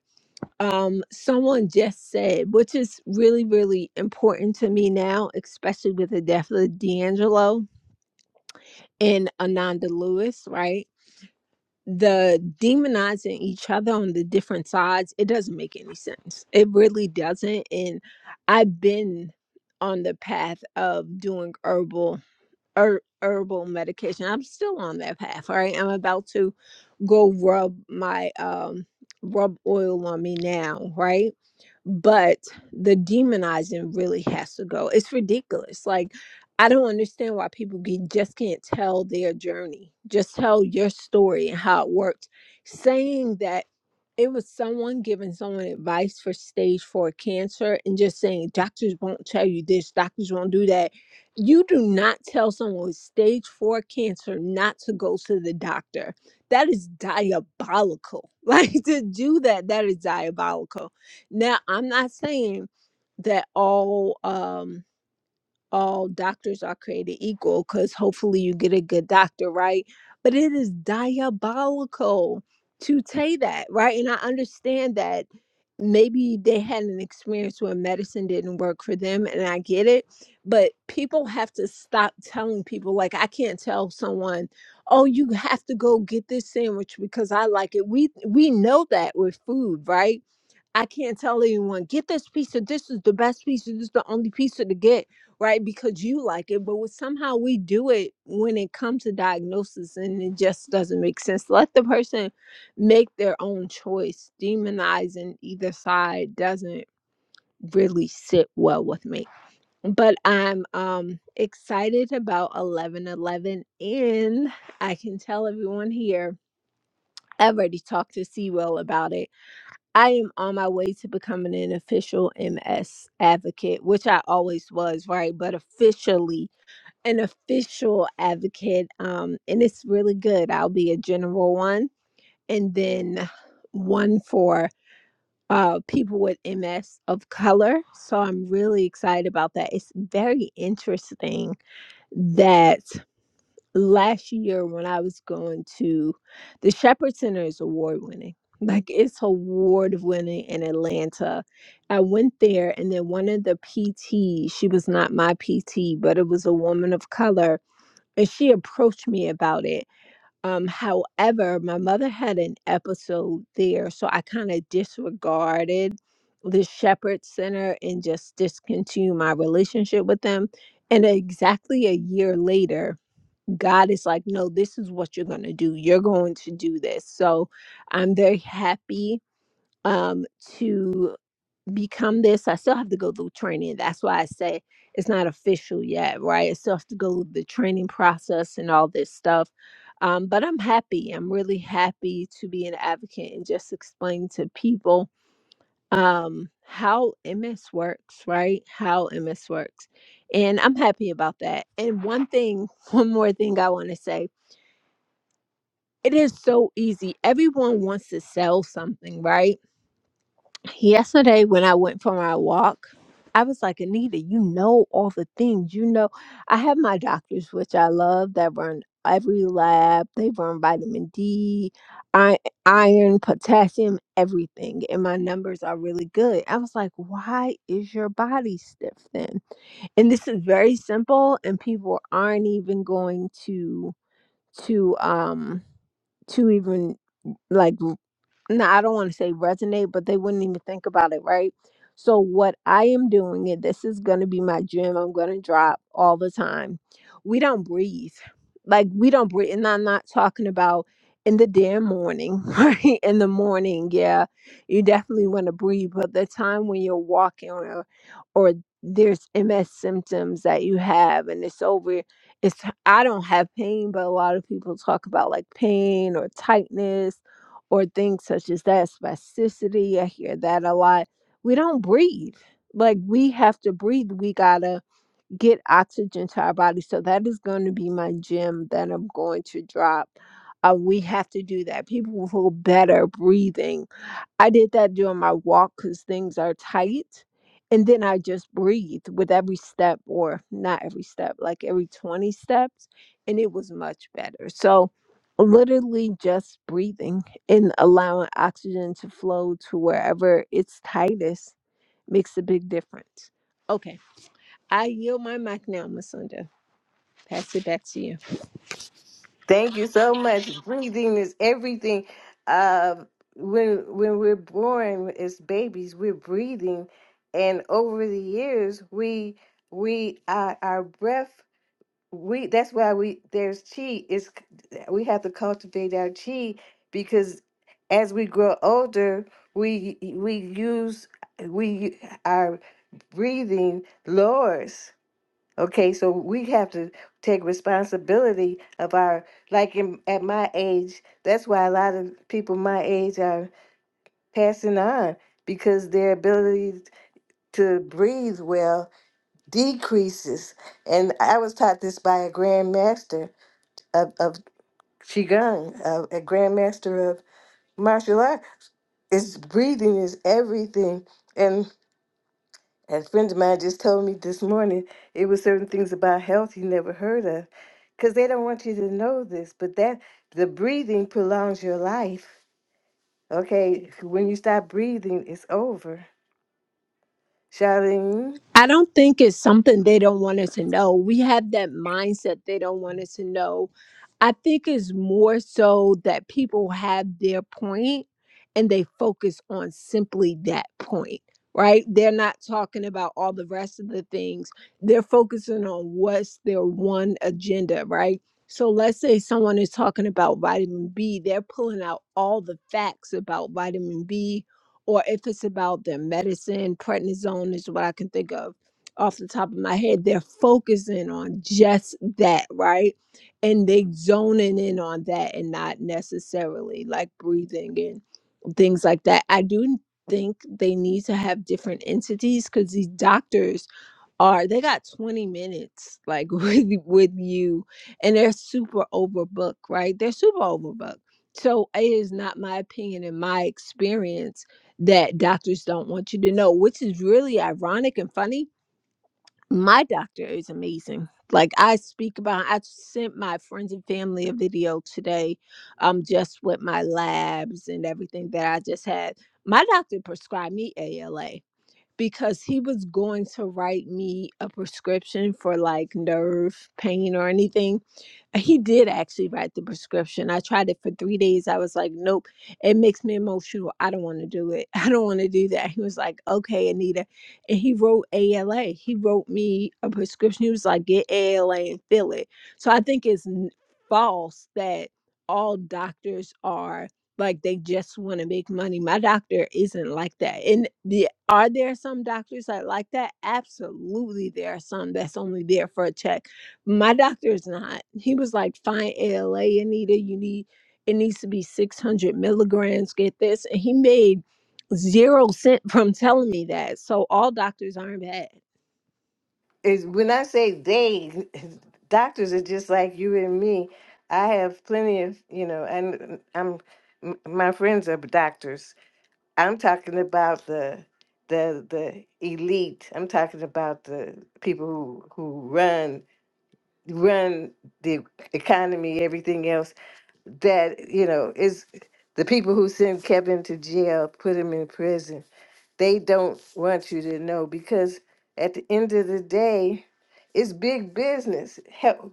Speaker 6: um someone just said, which is really, really important to me now, especially with the death of D'Angelo and Ananda Lewis, right? The demonizing each other on the different sides, it doesn't make any sense. It really doesn't. And I've been on the path of doing herbal her- herbal medication. I'm still on that path. All right. I'm about to go rub my um rub oil on me now, right? But the demonizing really has to go. It's ridiculous. Like I don't understand why people can, just can't tell their journey. Just tell your story and how it worked. Saying that it was someone giving someone advice for stage four cancer and just saying doctors won't tell you this, doctors won't do that you do not tell someone with stage four cancer not to go to the doctor. That is diabolical. Like to do that, that is diabolical. Now, I'm not saying that all um all doctors are created equal because hopefully you get a good doctor, right? But it is diabolical to say that, right? And I understand that maybe they had an experience where medicine didn't work for them and i get it but people have to stop telling people like i can't tell someone oh you have to go get this sandwich because i like it we we know that with food right i can't tell anyone get this pizza this is the best pizza this is the only pizza to get right because you like it but with somehow we do it when it comes to diagnosis and it just doesn't make sense let the person make their own choice. Demonizing either side doesn't really sit well with me. But I'm um excited about 1111 and I can tell everyone here I've already talked to Sewell about it. I am on my way to becoming an official MS advocate, which I always was, right? But officially an official advocate. Um, and it's really good. I'll be a general one and then one for uh, people with MS of color. So I'm really excited about that. It's very interesting that last year when I was going to the Shepherd Center is award winning. Like it's award winning in Atlanta. I went there and then one of the PT, she was not my PT, but it was a woman of color, and she approached me about it. Um, however, my mother had an episode there, so I kind of disregarded the Shepherd Center and just discontinued my relationship with them. And exactly a year later, God is like, No, this is what you're going to do. You're going to do this. So I'm very happy um, to become this. I still have to go through training. That's why I say it's not official yet, right? I still have to go through the training process and all this stuff. Um, but I'm happy. I'm really happy to be an advocate and just explain to people um, how MS works, right? How MS works. And I'm happy about that. And one thing, one more thing I want to say it is so easy. Everyone wants to sell something, right? Yesterday, when I went for my walk, I was like, Anita, you know all the things. You know, I have my doctors, which I love, that run every lab. They run vitamin D, i- iron, potassium, everything. And my numbers are really good. I was like, why is your body stiff then? And this is very simple, and people aren't even going to, to, um, to even. like no, I don't want to say resonate, but they wouldn't even think about it, right? So what I am doing, and this is gonna be my gym, I'm gonna drop all the time. We don't breathe. Like we don't breathe, and I'm not talking about in the damn morning, right? In the morning, yeah, you definitely want to breathe, but the time when you're walking or or there's MS symptoms that you have and it's over, it's I don't have pain, but a lot of people talk about like pain or tightness or things such as that, spasticity. I hear that a lot. We don't breathe. Like we have to breathe. We gotta get oxygen to our body. So that is going to be my gym that I'm going to drop. Uh, we have to do that. People feel better breathing I did that during my walk because things are tight. And then I just breathe with every step, or not every step, like every 20 steps. And it was much better. So, literally just breathing and allowing oxygen to flow to wherever it's tightest makes a big difference. Okay. I yield my mic now, Miss Linda. Pass it back to you.
Speaker 1: Thank you so much. Breathing is everything. Uh, when when we're born as babies, we're breathing, and over the years, we we uh, our breath. We that's why we there's chi is we have to cultivate our chi because as we grow older, we we use we our breathing lowers Okay, so we have to take responsibility of our, like in, at my age, that's why a lot of people my age are passing on because their ability to breathe well decreases. And I was taught this by a grandmaster of, of Qigong, a, a grandmaster of martial art. Is breathing is everything. and. A friend of mine just told me this morning it was certain things about health he never heard of because they don't want you to know this, but that the breathing prolongs your life. Okay, when you stop breathing, it's over. Charlene?
Speaker 6: I don't think it's something they don't want us to know. We have that mindset they don't want us to know. I think it's more so that people have their point and they focus on simply that point, right? They're not talking about all the rest of the things. They're focusing on what's their one agenda, right? So let's say someone is talking about vitamin B, they're pulling out all the facts about vitamin B or if it's about their medicine, prednisone is what I can think of off the top of my head. They're focusing on just that, right? And they zoning in on that and not necessarily like breathing and things like that. I do think they need to have different entities because these doctors are they got 20 minutes like with with you and they're super overbooked right they're super overbooked so it is not my opinion and my experience that doctors don't want you to know which is really ironic and funny my doctor is amazing like i speak about i sent my friends and family a video today um just with my labs and everything that i just had my doctor prescribed me ala because he was going to write me a prescription for like nerve pain or anything he did actually write the prescription. I tried it for three days. I was like, nope, it makes me emotional. I don't want to do it. I don't want to do that. He was like, okay, Anita. And he wrote ALA. He wrote me a prescription. He was like, get ALA and fill it. So I think it's n- false that all doctors are like they just want to make money. My doctor isn't like that. And the are there some doctors that like that? Absolutely, there are some that's only there for a check my doctor is not. He was like, fine, ALA, Anita, you need, it needs to be 600 milligrams, get this. And he made zero cent from telling me that. So all doctors aren't bad.
Speaker 1: is when I say they, doctors are just like you and me. I have plenty of, you know, and mm, I'm m- my friends are doctors. I'm talking about the the the elite. I'm talking about the people who who run run the economy, everything else, that, you know, is the people who send Kevin to jail, put him in prison, they don't want you to know because at the end of the day, it's big business. Health,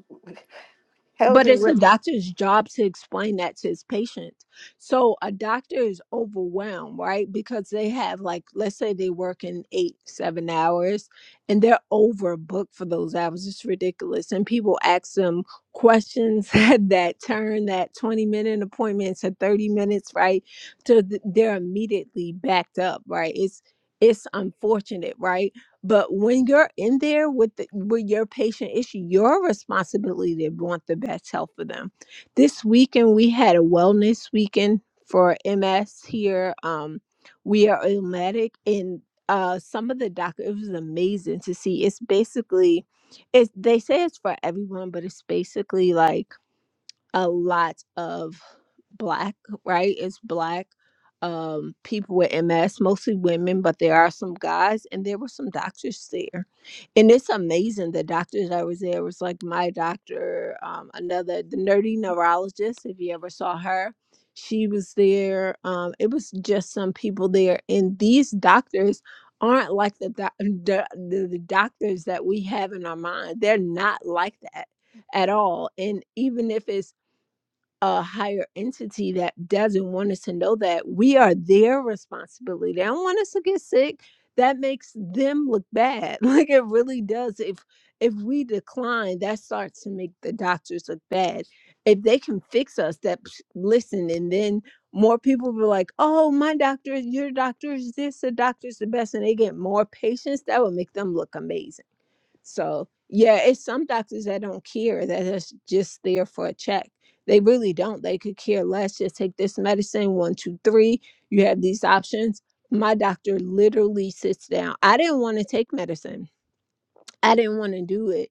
Speaker 1: health
Speaker 6: But
Speaker 1: and
Speaker 6: it's a doctor's job to explain that to his patient. So a doctor is overwhelmed, right? Because they have, like, let's say they work in eight, seven hours and they're overbooked for those hours. It's ridiculous. And people ask them questions that turn that 20 minute appointment to 30 minutes, right? To th- they're immediately backed up, right? It's, it's unfortunate, right? But when you're in there with the, with your patient, it's your responsibility to want the best health for them. This weekend we had a wellness weekend for MS here. Um, we are Illmatic, and uh, some of the doctors. It was amazing to see. It's basically, it's they say it's for everyone, but it's basically like a lot of black, right? It's black um people with MS, mostly women, but there are some guys and there were some doctors there. And it's amazing the doctors that was there was like my doctor, um, another the nerdy neurologist, if you ever saw her. She was there. Um, it was just some people there. And these doctors aren't like the, doc- the, the the doctors that we have in our mind. They're not like that at all. And even if it's a higher entity that doesn't want us to know that we are their responsibility. They don't want us to get sick. That makes them look bad. Like it really does. If if we decline, that starts to make the doctors look bad. If they can fix us, that listen, and then more people be like, "Oh, my doctor, your doctor is this, the doctor's the best," and they get more patients. That would make them look amazing so yeah, it's some doctors that don't care that is just there for a check. They really don't. They could care less. Just take this medicine, one, two, three. You have these options. My doctor literally sits down. I didn't want to take medicine. I didn't want to do it.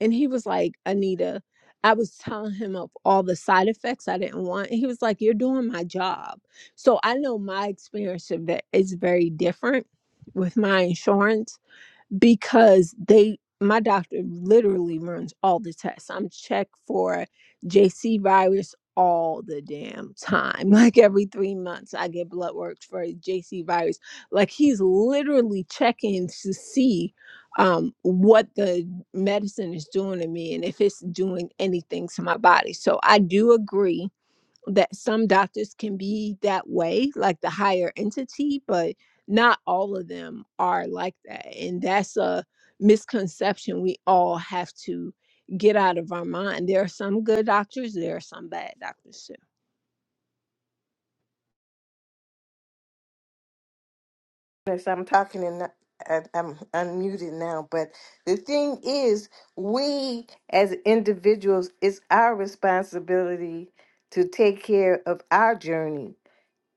Speaker 6: And he was like, Anita, I was telling him of all the side effects I didn't want. And he was like, You're doing my job. So I know my experience of that is very different with my insurance because they my doctor literally runs all the tests. I'm checked for JC virus all the damn time. Like every 3 months I get blood work for JC virus. Like he's literally checking to see um what the medicine is doing to me and if it's doing anything to my body. So I do agree that some doctors can be that way, like the higher entity, but not all of them are like that. And that's a misconception we all have to get out of our mind. There are some good doctors, there are some bad doctors. so
Speaker 1: wellness. I'm talking and not- I- I'm unmuted now, but the thing is, we as individuals, it's our responsibility to take care of our journey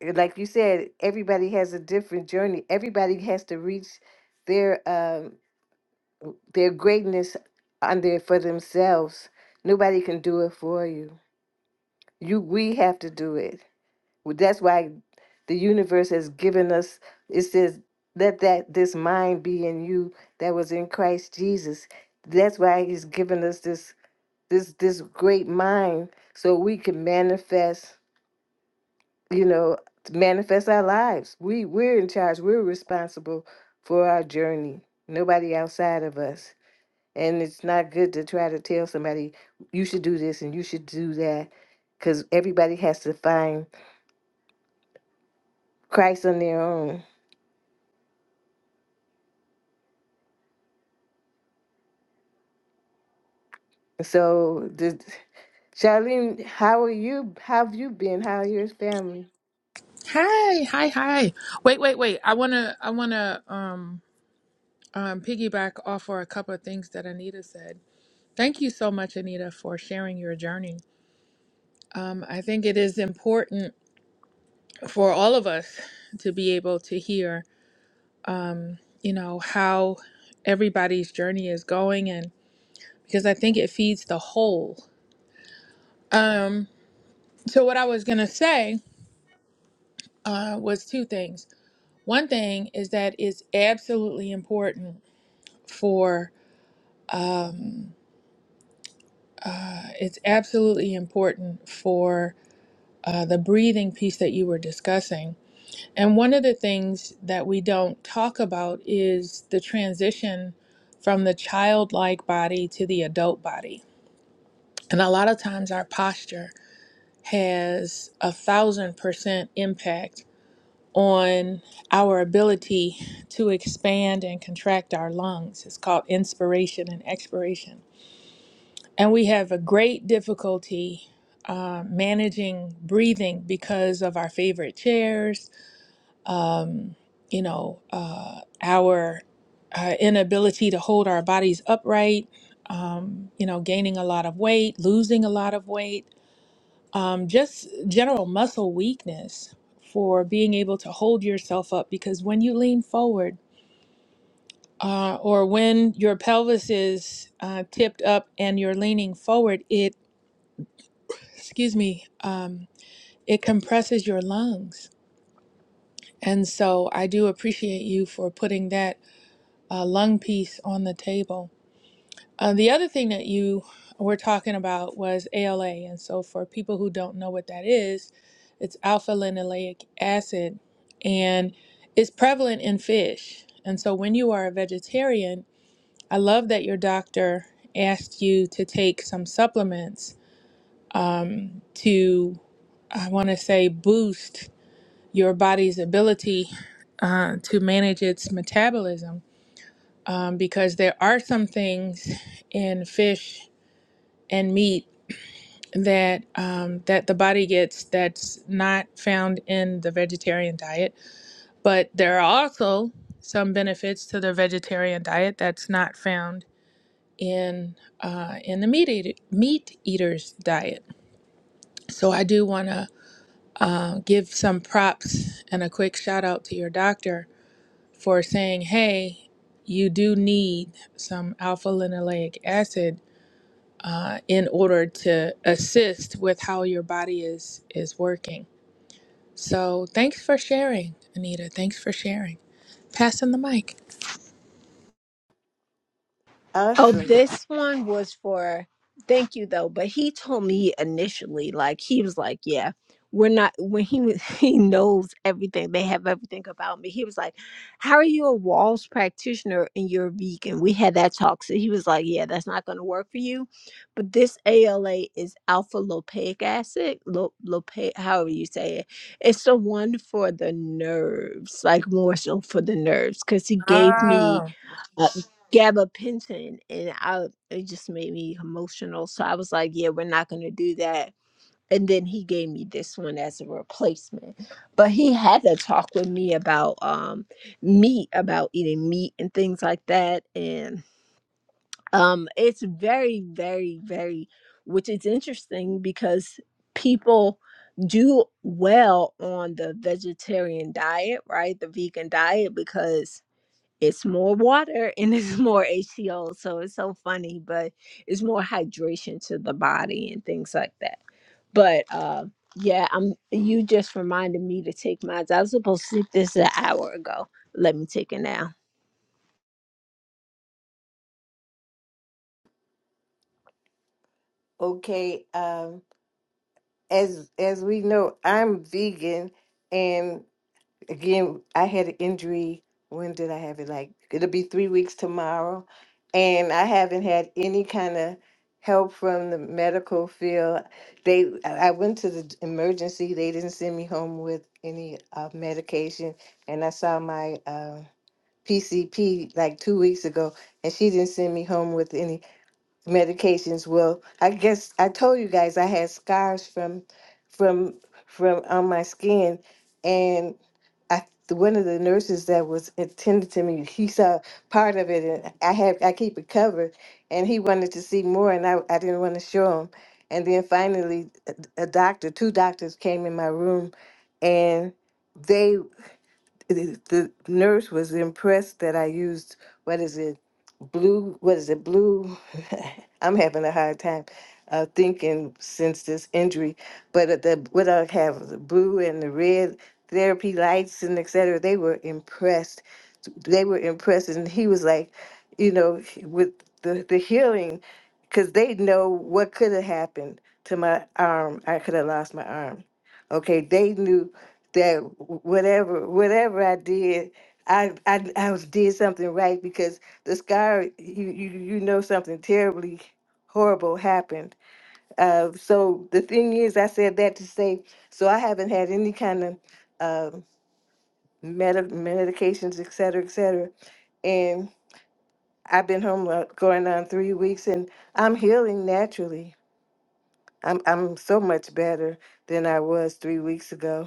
Speaker 1: like you said, everybody has a different journey. Everybody has to reach their um their greatness on there for themselves. Nobody can do it for you. You we have to do it. Well, That's why the universe has given us it says let that this mind be in you that was in Christ Jesus. That's why he's given us this this this great mind so we can manifest you know, to manifest our lives. We we're in charge. We're responsible for our journey. Nobody outside of us. And it's not good to try to tell somebody you should do this and you should do that cuz everybody has to find Christ on their own. So, the, Charlene, how are you? How have you been? How are your family?
Speaker 4: Hi, hi, hi. Wait, wait, wait. I wanna I wanna um um piggyback off for a couple of things that Anita said. Thank you so much, Anita, for sharing your journey. Um, I think it is important for all of us to be able to hear um, you know, how everybody's journey is going and because I think it feeds the whole. Um, so what I was gonna say uh was two things. One thing is that it's absolutely important for um, it's absolutely important for uh, the breathing piece that you were discussing. And one of the things that we don't talk about is the transition from the childlike body to the adult body. And a lot of times our posture has a thousand percent impact on our ability to expand and contract our lungs. It's called inspiration and expiration. And we have a great difficulty uh, managing breathing because of our favorite chairs, um, you know, uh, our uh, inability to hold our bodies upright, um, you know, gaining a lot of weight, losing a lot of weight um, just general muscle weakness for being able to hold yourself up because when you lean forward uh, or when your pelvis is uh, tipped up and you're leaning forward, it, excuse me, um, it compresses your lungs. And so I do appreciate you for putting that uh, lung piece on the table. Uh, the other thing that you were talking about was ALA. And so, for people who don't know what that is, it's alpha linoleic acid and it's prevalent in fish. And so, when you are a vegetarian, I love that your doctor asked you to take some supplements um, to, I want to say, boost your body's ability uh, to manage its metabolism um, because there are some things in fish and meat that um, that the body gets that's not found in the vegetarian diet. But there are also some benefits to the vegetarian diet that's not found in uh, in the meat eater, meat eaters diet. So I do want to uh, give some props and a quick shout out to your doctor for saying, "Hey, you do need some alpha linoleic acid." uh, in order to assist with how your body is is working. So thanks for sharing, Anita. Thanks for sharing. Passing the mic.
Speaker 6: Oh,
Speaker 1: Awesome.
Speaker 6: this one was for thank you though, but he told me initially, like he was like, Yeah, we're not when he was he knows everything, they have everything about me. He was like, How are you a walls practitioner and you're vegan? We had that talk. So he was like, Yeah, that's not gonna work for you. But this ALA is alpha lopaic acid, lo, lopaic however you say it. It's the one for the nerves, like more so for the nerves, because he gave me
Speaker 4: Oh,
Speaker 6: uh, Gabba Pinton, and I it just made me emotional. So I was like, "Yeah, we're not gonna do that." And then he gave me this one as a replacement. But he had to talk with me about um, meat, about eating meat and things like that. And um, it's very, very, very, which is interesting because people do well on the vegetarian diet, right? The vegan diet, because it's more water and it's more H2O, So it's so funny, but it's more hydration to the body and things like that. But uh, yeah, I'm. You just reminded me to take mine. I was supposed to sleep this an hour ago. Let me take it now.
Speaker 1: Okay. Um as as we know, I'm vegan and again, I had an injury. When did I have it? Like it'll be three weeks tomorrow, and I haven't had any kind of help from the medical field. They, I I went to the d- emergency. They didn't send me home with any uh, medication, and I saw my uh, PCP like two weeks ago, and she didn't send me home with any medications. Well, I guess I told you guys I had scars from, from, from on my skin, and I, one of the nurses that was attending to me, he saw part of it, and I had I keep it covered, and he wanted to see more, and I, I didn't want to show him. And then finally, a, a doctor, two doctors came in my room, and they the the nurse was impressed that I used what is it blue what is it blue I'm having a hard time uh, thinking since this injury but at the what I have the blue and the red therapy lights and et cetera they were impressed they were impressed and he was like you know with the the healing because they know what could have happened to my arm I could have lost my arm okay they knew that whatever whatever I did, I I I was did something right because the scar you you you know something terribly horrible happened. Uh, so the thing is, I said that to say so I haven't had any kind of uh, medi medications, et cetera, et cetera, and I've been home uh, going on three weeks, and I'm healing naturally. I'm I'm so much better than I was three weeks ago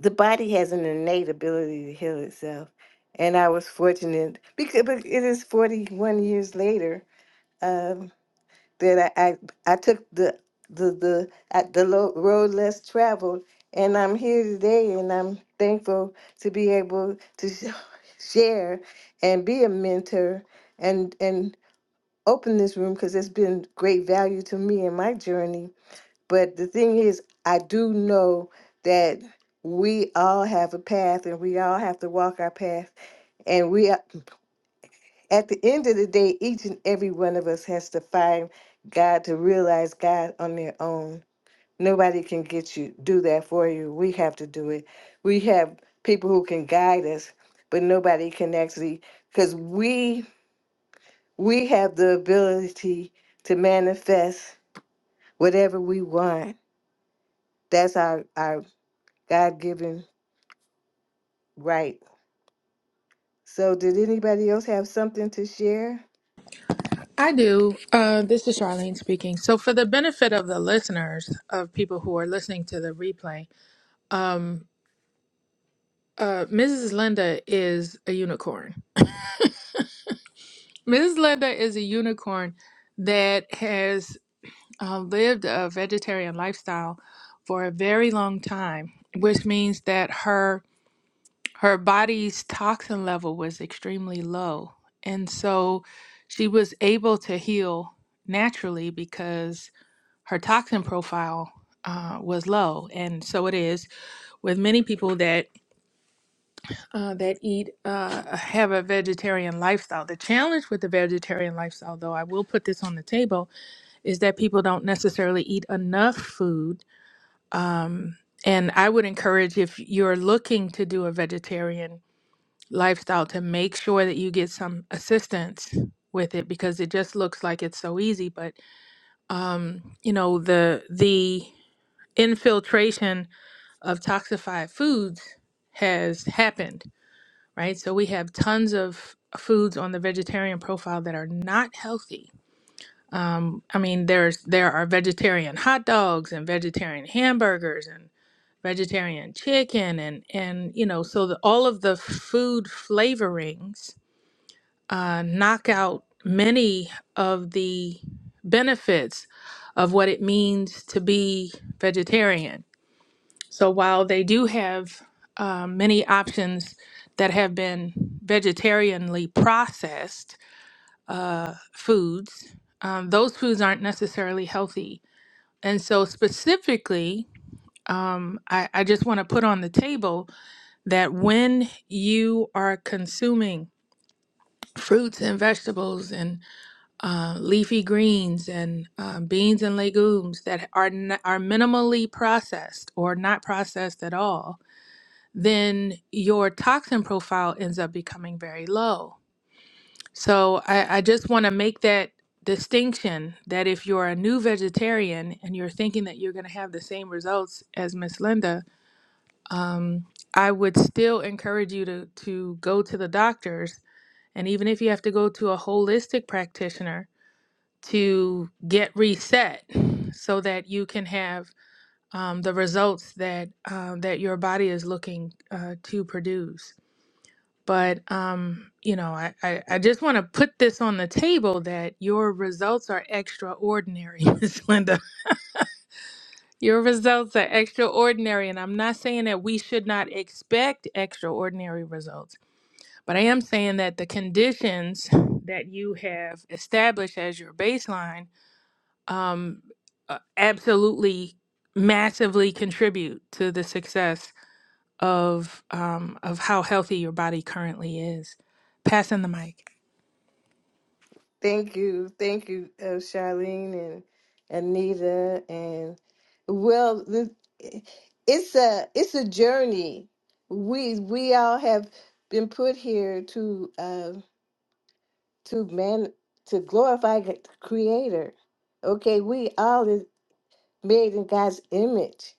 Speaker 1: the body has an innate ability to heal itself. And I was fortunate because but it is 41 years later um, that I, I, I took the the the I, the lo- road less traveled, and I'm here today, and I'm thankful to be able to sh- share and be a mentor and and open this room because it's been great value to me in my journey but the thing is, I do know that we all have a path and we all have to walk our path. And we, are- at the end of the day, each and every one of us has to find God to realize God on their own. Nobody can get you, do that for you. We have to do it. We have people who can guide us, but nobody can actually, because we, we have the ability to manifest whatever we want. That's our, our God given Right. So, did anybody else have something to share?
Speaker 4: I do. Uh, this is Charlene speaking. So, for the benefit of the listeners, of people who are listening to the replay, um, uh, Mrs. Linda is a unicorn. Mrs. Linda is a unicorn that has uh, lived a vegetarian lifestyle for a very long time, which means that her her body's toxin level was extremely low, and so she was able to heal naturally because her toxin profile uh, was low, and so it is with many people that uh, that eat uh, have a vegetarian lifestyle. The challenge with the vegetarian lifestyle, though, I will put this on the table, is that people don't necessarily eat enough food Um, and I would encourage if you're looking to do a vegetarian lifestyle to make sure that you get some assistance with it because it just looks like it's so easy, but um, you know the the infiltration of toxified foods has happened, right? So we have tons of foods on the vegetarian profile that are not healthy. Um, I mean, there's there are vegetarian hot dogs and vegetarian hamburgers vegetarian chicken and and you know so the, all of the food flavorings uh, knock out many of the benefits of what it means to be vegetarian so while they do have uh, many options that have been vegetarianly processed uh, foods um, those foods aren't necessarily healthy and so specifically um, I, I just want to put on the table that when you are consuming fruits and vegetables and uh, leafy greens and uh, beans and legumes that are n- are minimally processed or not processed at all, then your toxin profile ends up becoming very low. So I, I just want to make that distinction that if you're a new vegetarian and you're thinking that you're going to have the same results as Miss Linda, um, I would still encourage you to to go to the doctors, and even if you have to go to a holistic practitioner to get reset, so that you can have um, the results that um, that your body is looking uh, to produce. But um, you know, I, I, I just want to put this on the table that your results are extraordinary, Miss Linda. Your results are extraordinary, and I'm not saying that we should not expect extraordinary results But I am saying that the conditions that you have established as your baseline um, uh, absolutely massively contribute to the success of um, of how healthy your body currently is. Passing the mic.
Speaker 1: Thank you, thank you, uh, Charlene and Anita, and well, the, eh, it's a it's a journey. We we all have been put here to uh, to man to glorify the Creator. Okay, we all is made in God's image.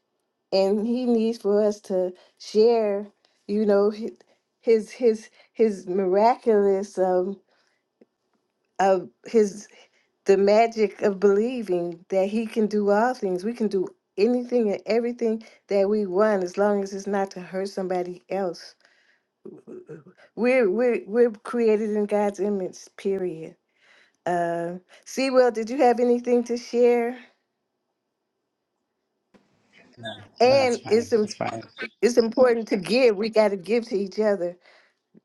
Speaker 1: and he needs for us to share you know hi- his his his miraculous um of his the magic of believing that he can do all things we can do anything and everything that we want as long as it's not to hurt somebody else we're we're we're created in god's image period uh Sewell, did you have anything to share
Speaker 3: That's
Speaker 1: and
Speaker 3: fine.
Speaker 1: it's im-
Speaker 3: It's fine.
Speaker 1: it's important to give we got to give to each other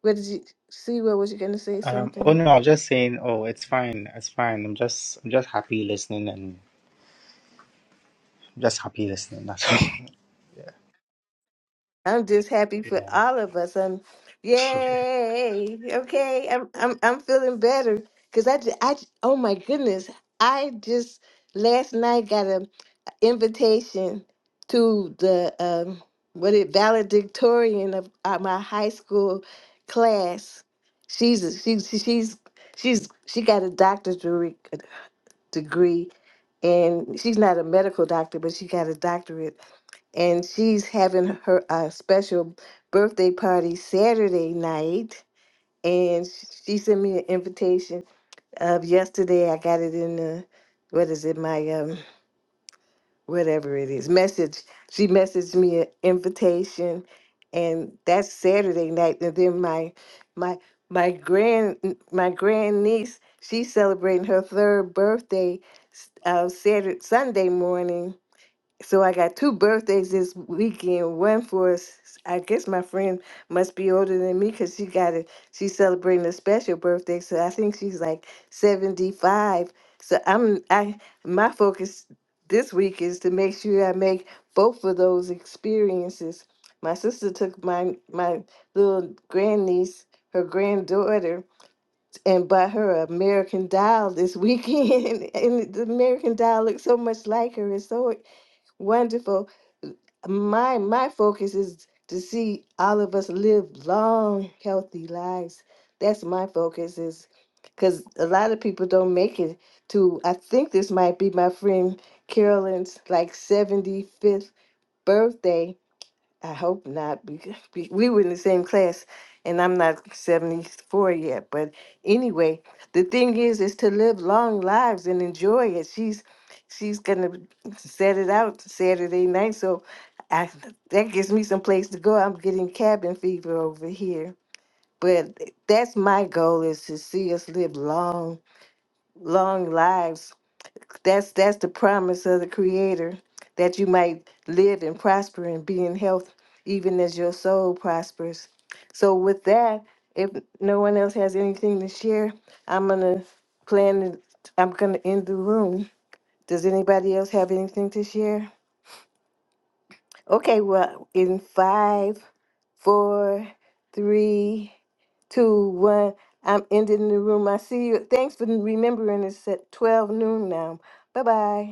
Speaker 1: What did you see? What was you gonna say?
Speaker 3: Um, oh
Speaker 1: Something?
Speaker 3: no, I was just saying. Oh, it's fine. It's fine. I'm just, I'm just happy listening, and I'm just happy listening. That's all.
Speaker 1: I'm just happy for all of us. I'm,
Speaker 3: Yeah.
Speaker 1: yay! Okay, I'm I'm I'm feeling better because I, ju- I ju- oh my goodness, I just last night got an invitation to the um what it valedictorian of uh, my high school class. She's a, she, she she's she's she got a doctorate degree, degree, and she's not a medical doctor, but she got a doctorate and she's having her uh, special birthday party Saturday night. And sh- she sent me an invitation of yesterday. I got it in the what is it? My um whatever it is message. She messaged me an invitation, and that's Saturday night. And then my my my grand my grand niece she's celebrating her third birthday s- uh, Saturday Sunday morning so I got two birthdays this weekend. One for, s- I guess my friend must be older than me because she got it. She's celebrating a special birthday, so I think she's like seventy-five. So I'm, I, my focus this week is to make sure I make both of those experiences. My sister took my my little grandniece, her granddaughter, and bought her an American Doll this weekend, and the American Doll looks so much like her. It's so wonderful my my focus is to see all of us live long healthy lives that's my focus is because a lot of people don't make it to i think this might be my friend carolyn's like 75th birthday I hope not, because we we were in the same class, and I'm not 74 yet. But anyway, the thing is, is to live long lives and enjoy it. She's she's gonna set it out Saturday night, so I that gives me some place to go. I'm getting cabin fever over here, but that's my goal is to see us live long, long lives that's that's the promise of the Creator that you might live and prosper and be in health, even as your soul prospers. So, with that, if no one else has anything to share, I'm gonna plan. to- I'm gonna end the room. Does anybody else have anything to share? Okay. Well, in five, four, three, two, one. I'm ending the room. I see you. Thanks for remembering. It's at twelve noon now. Bye bye.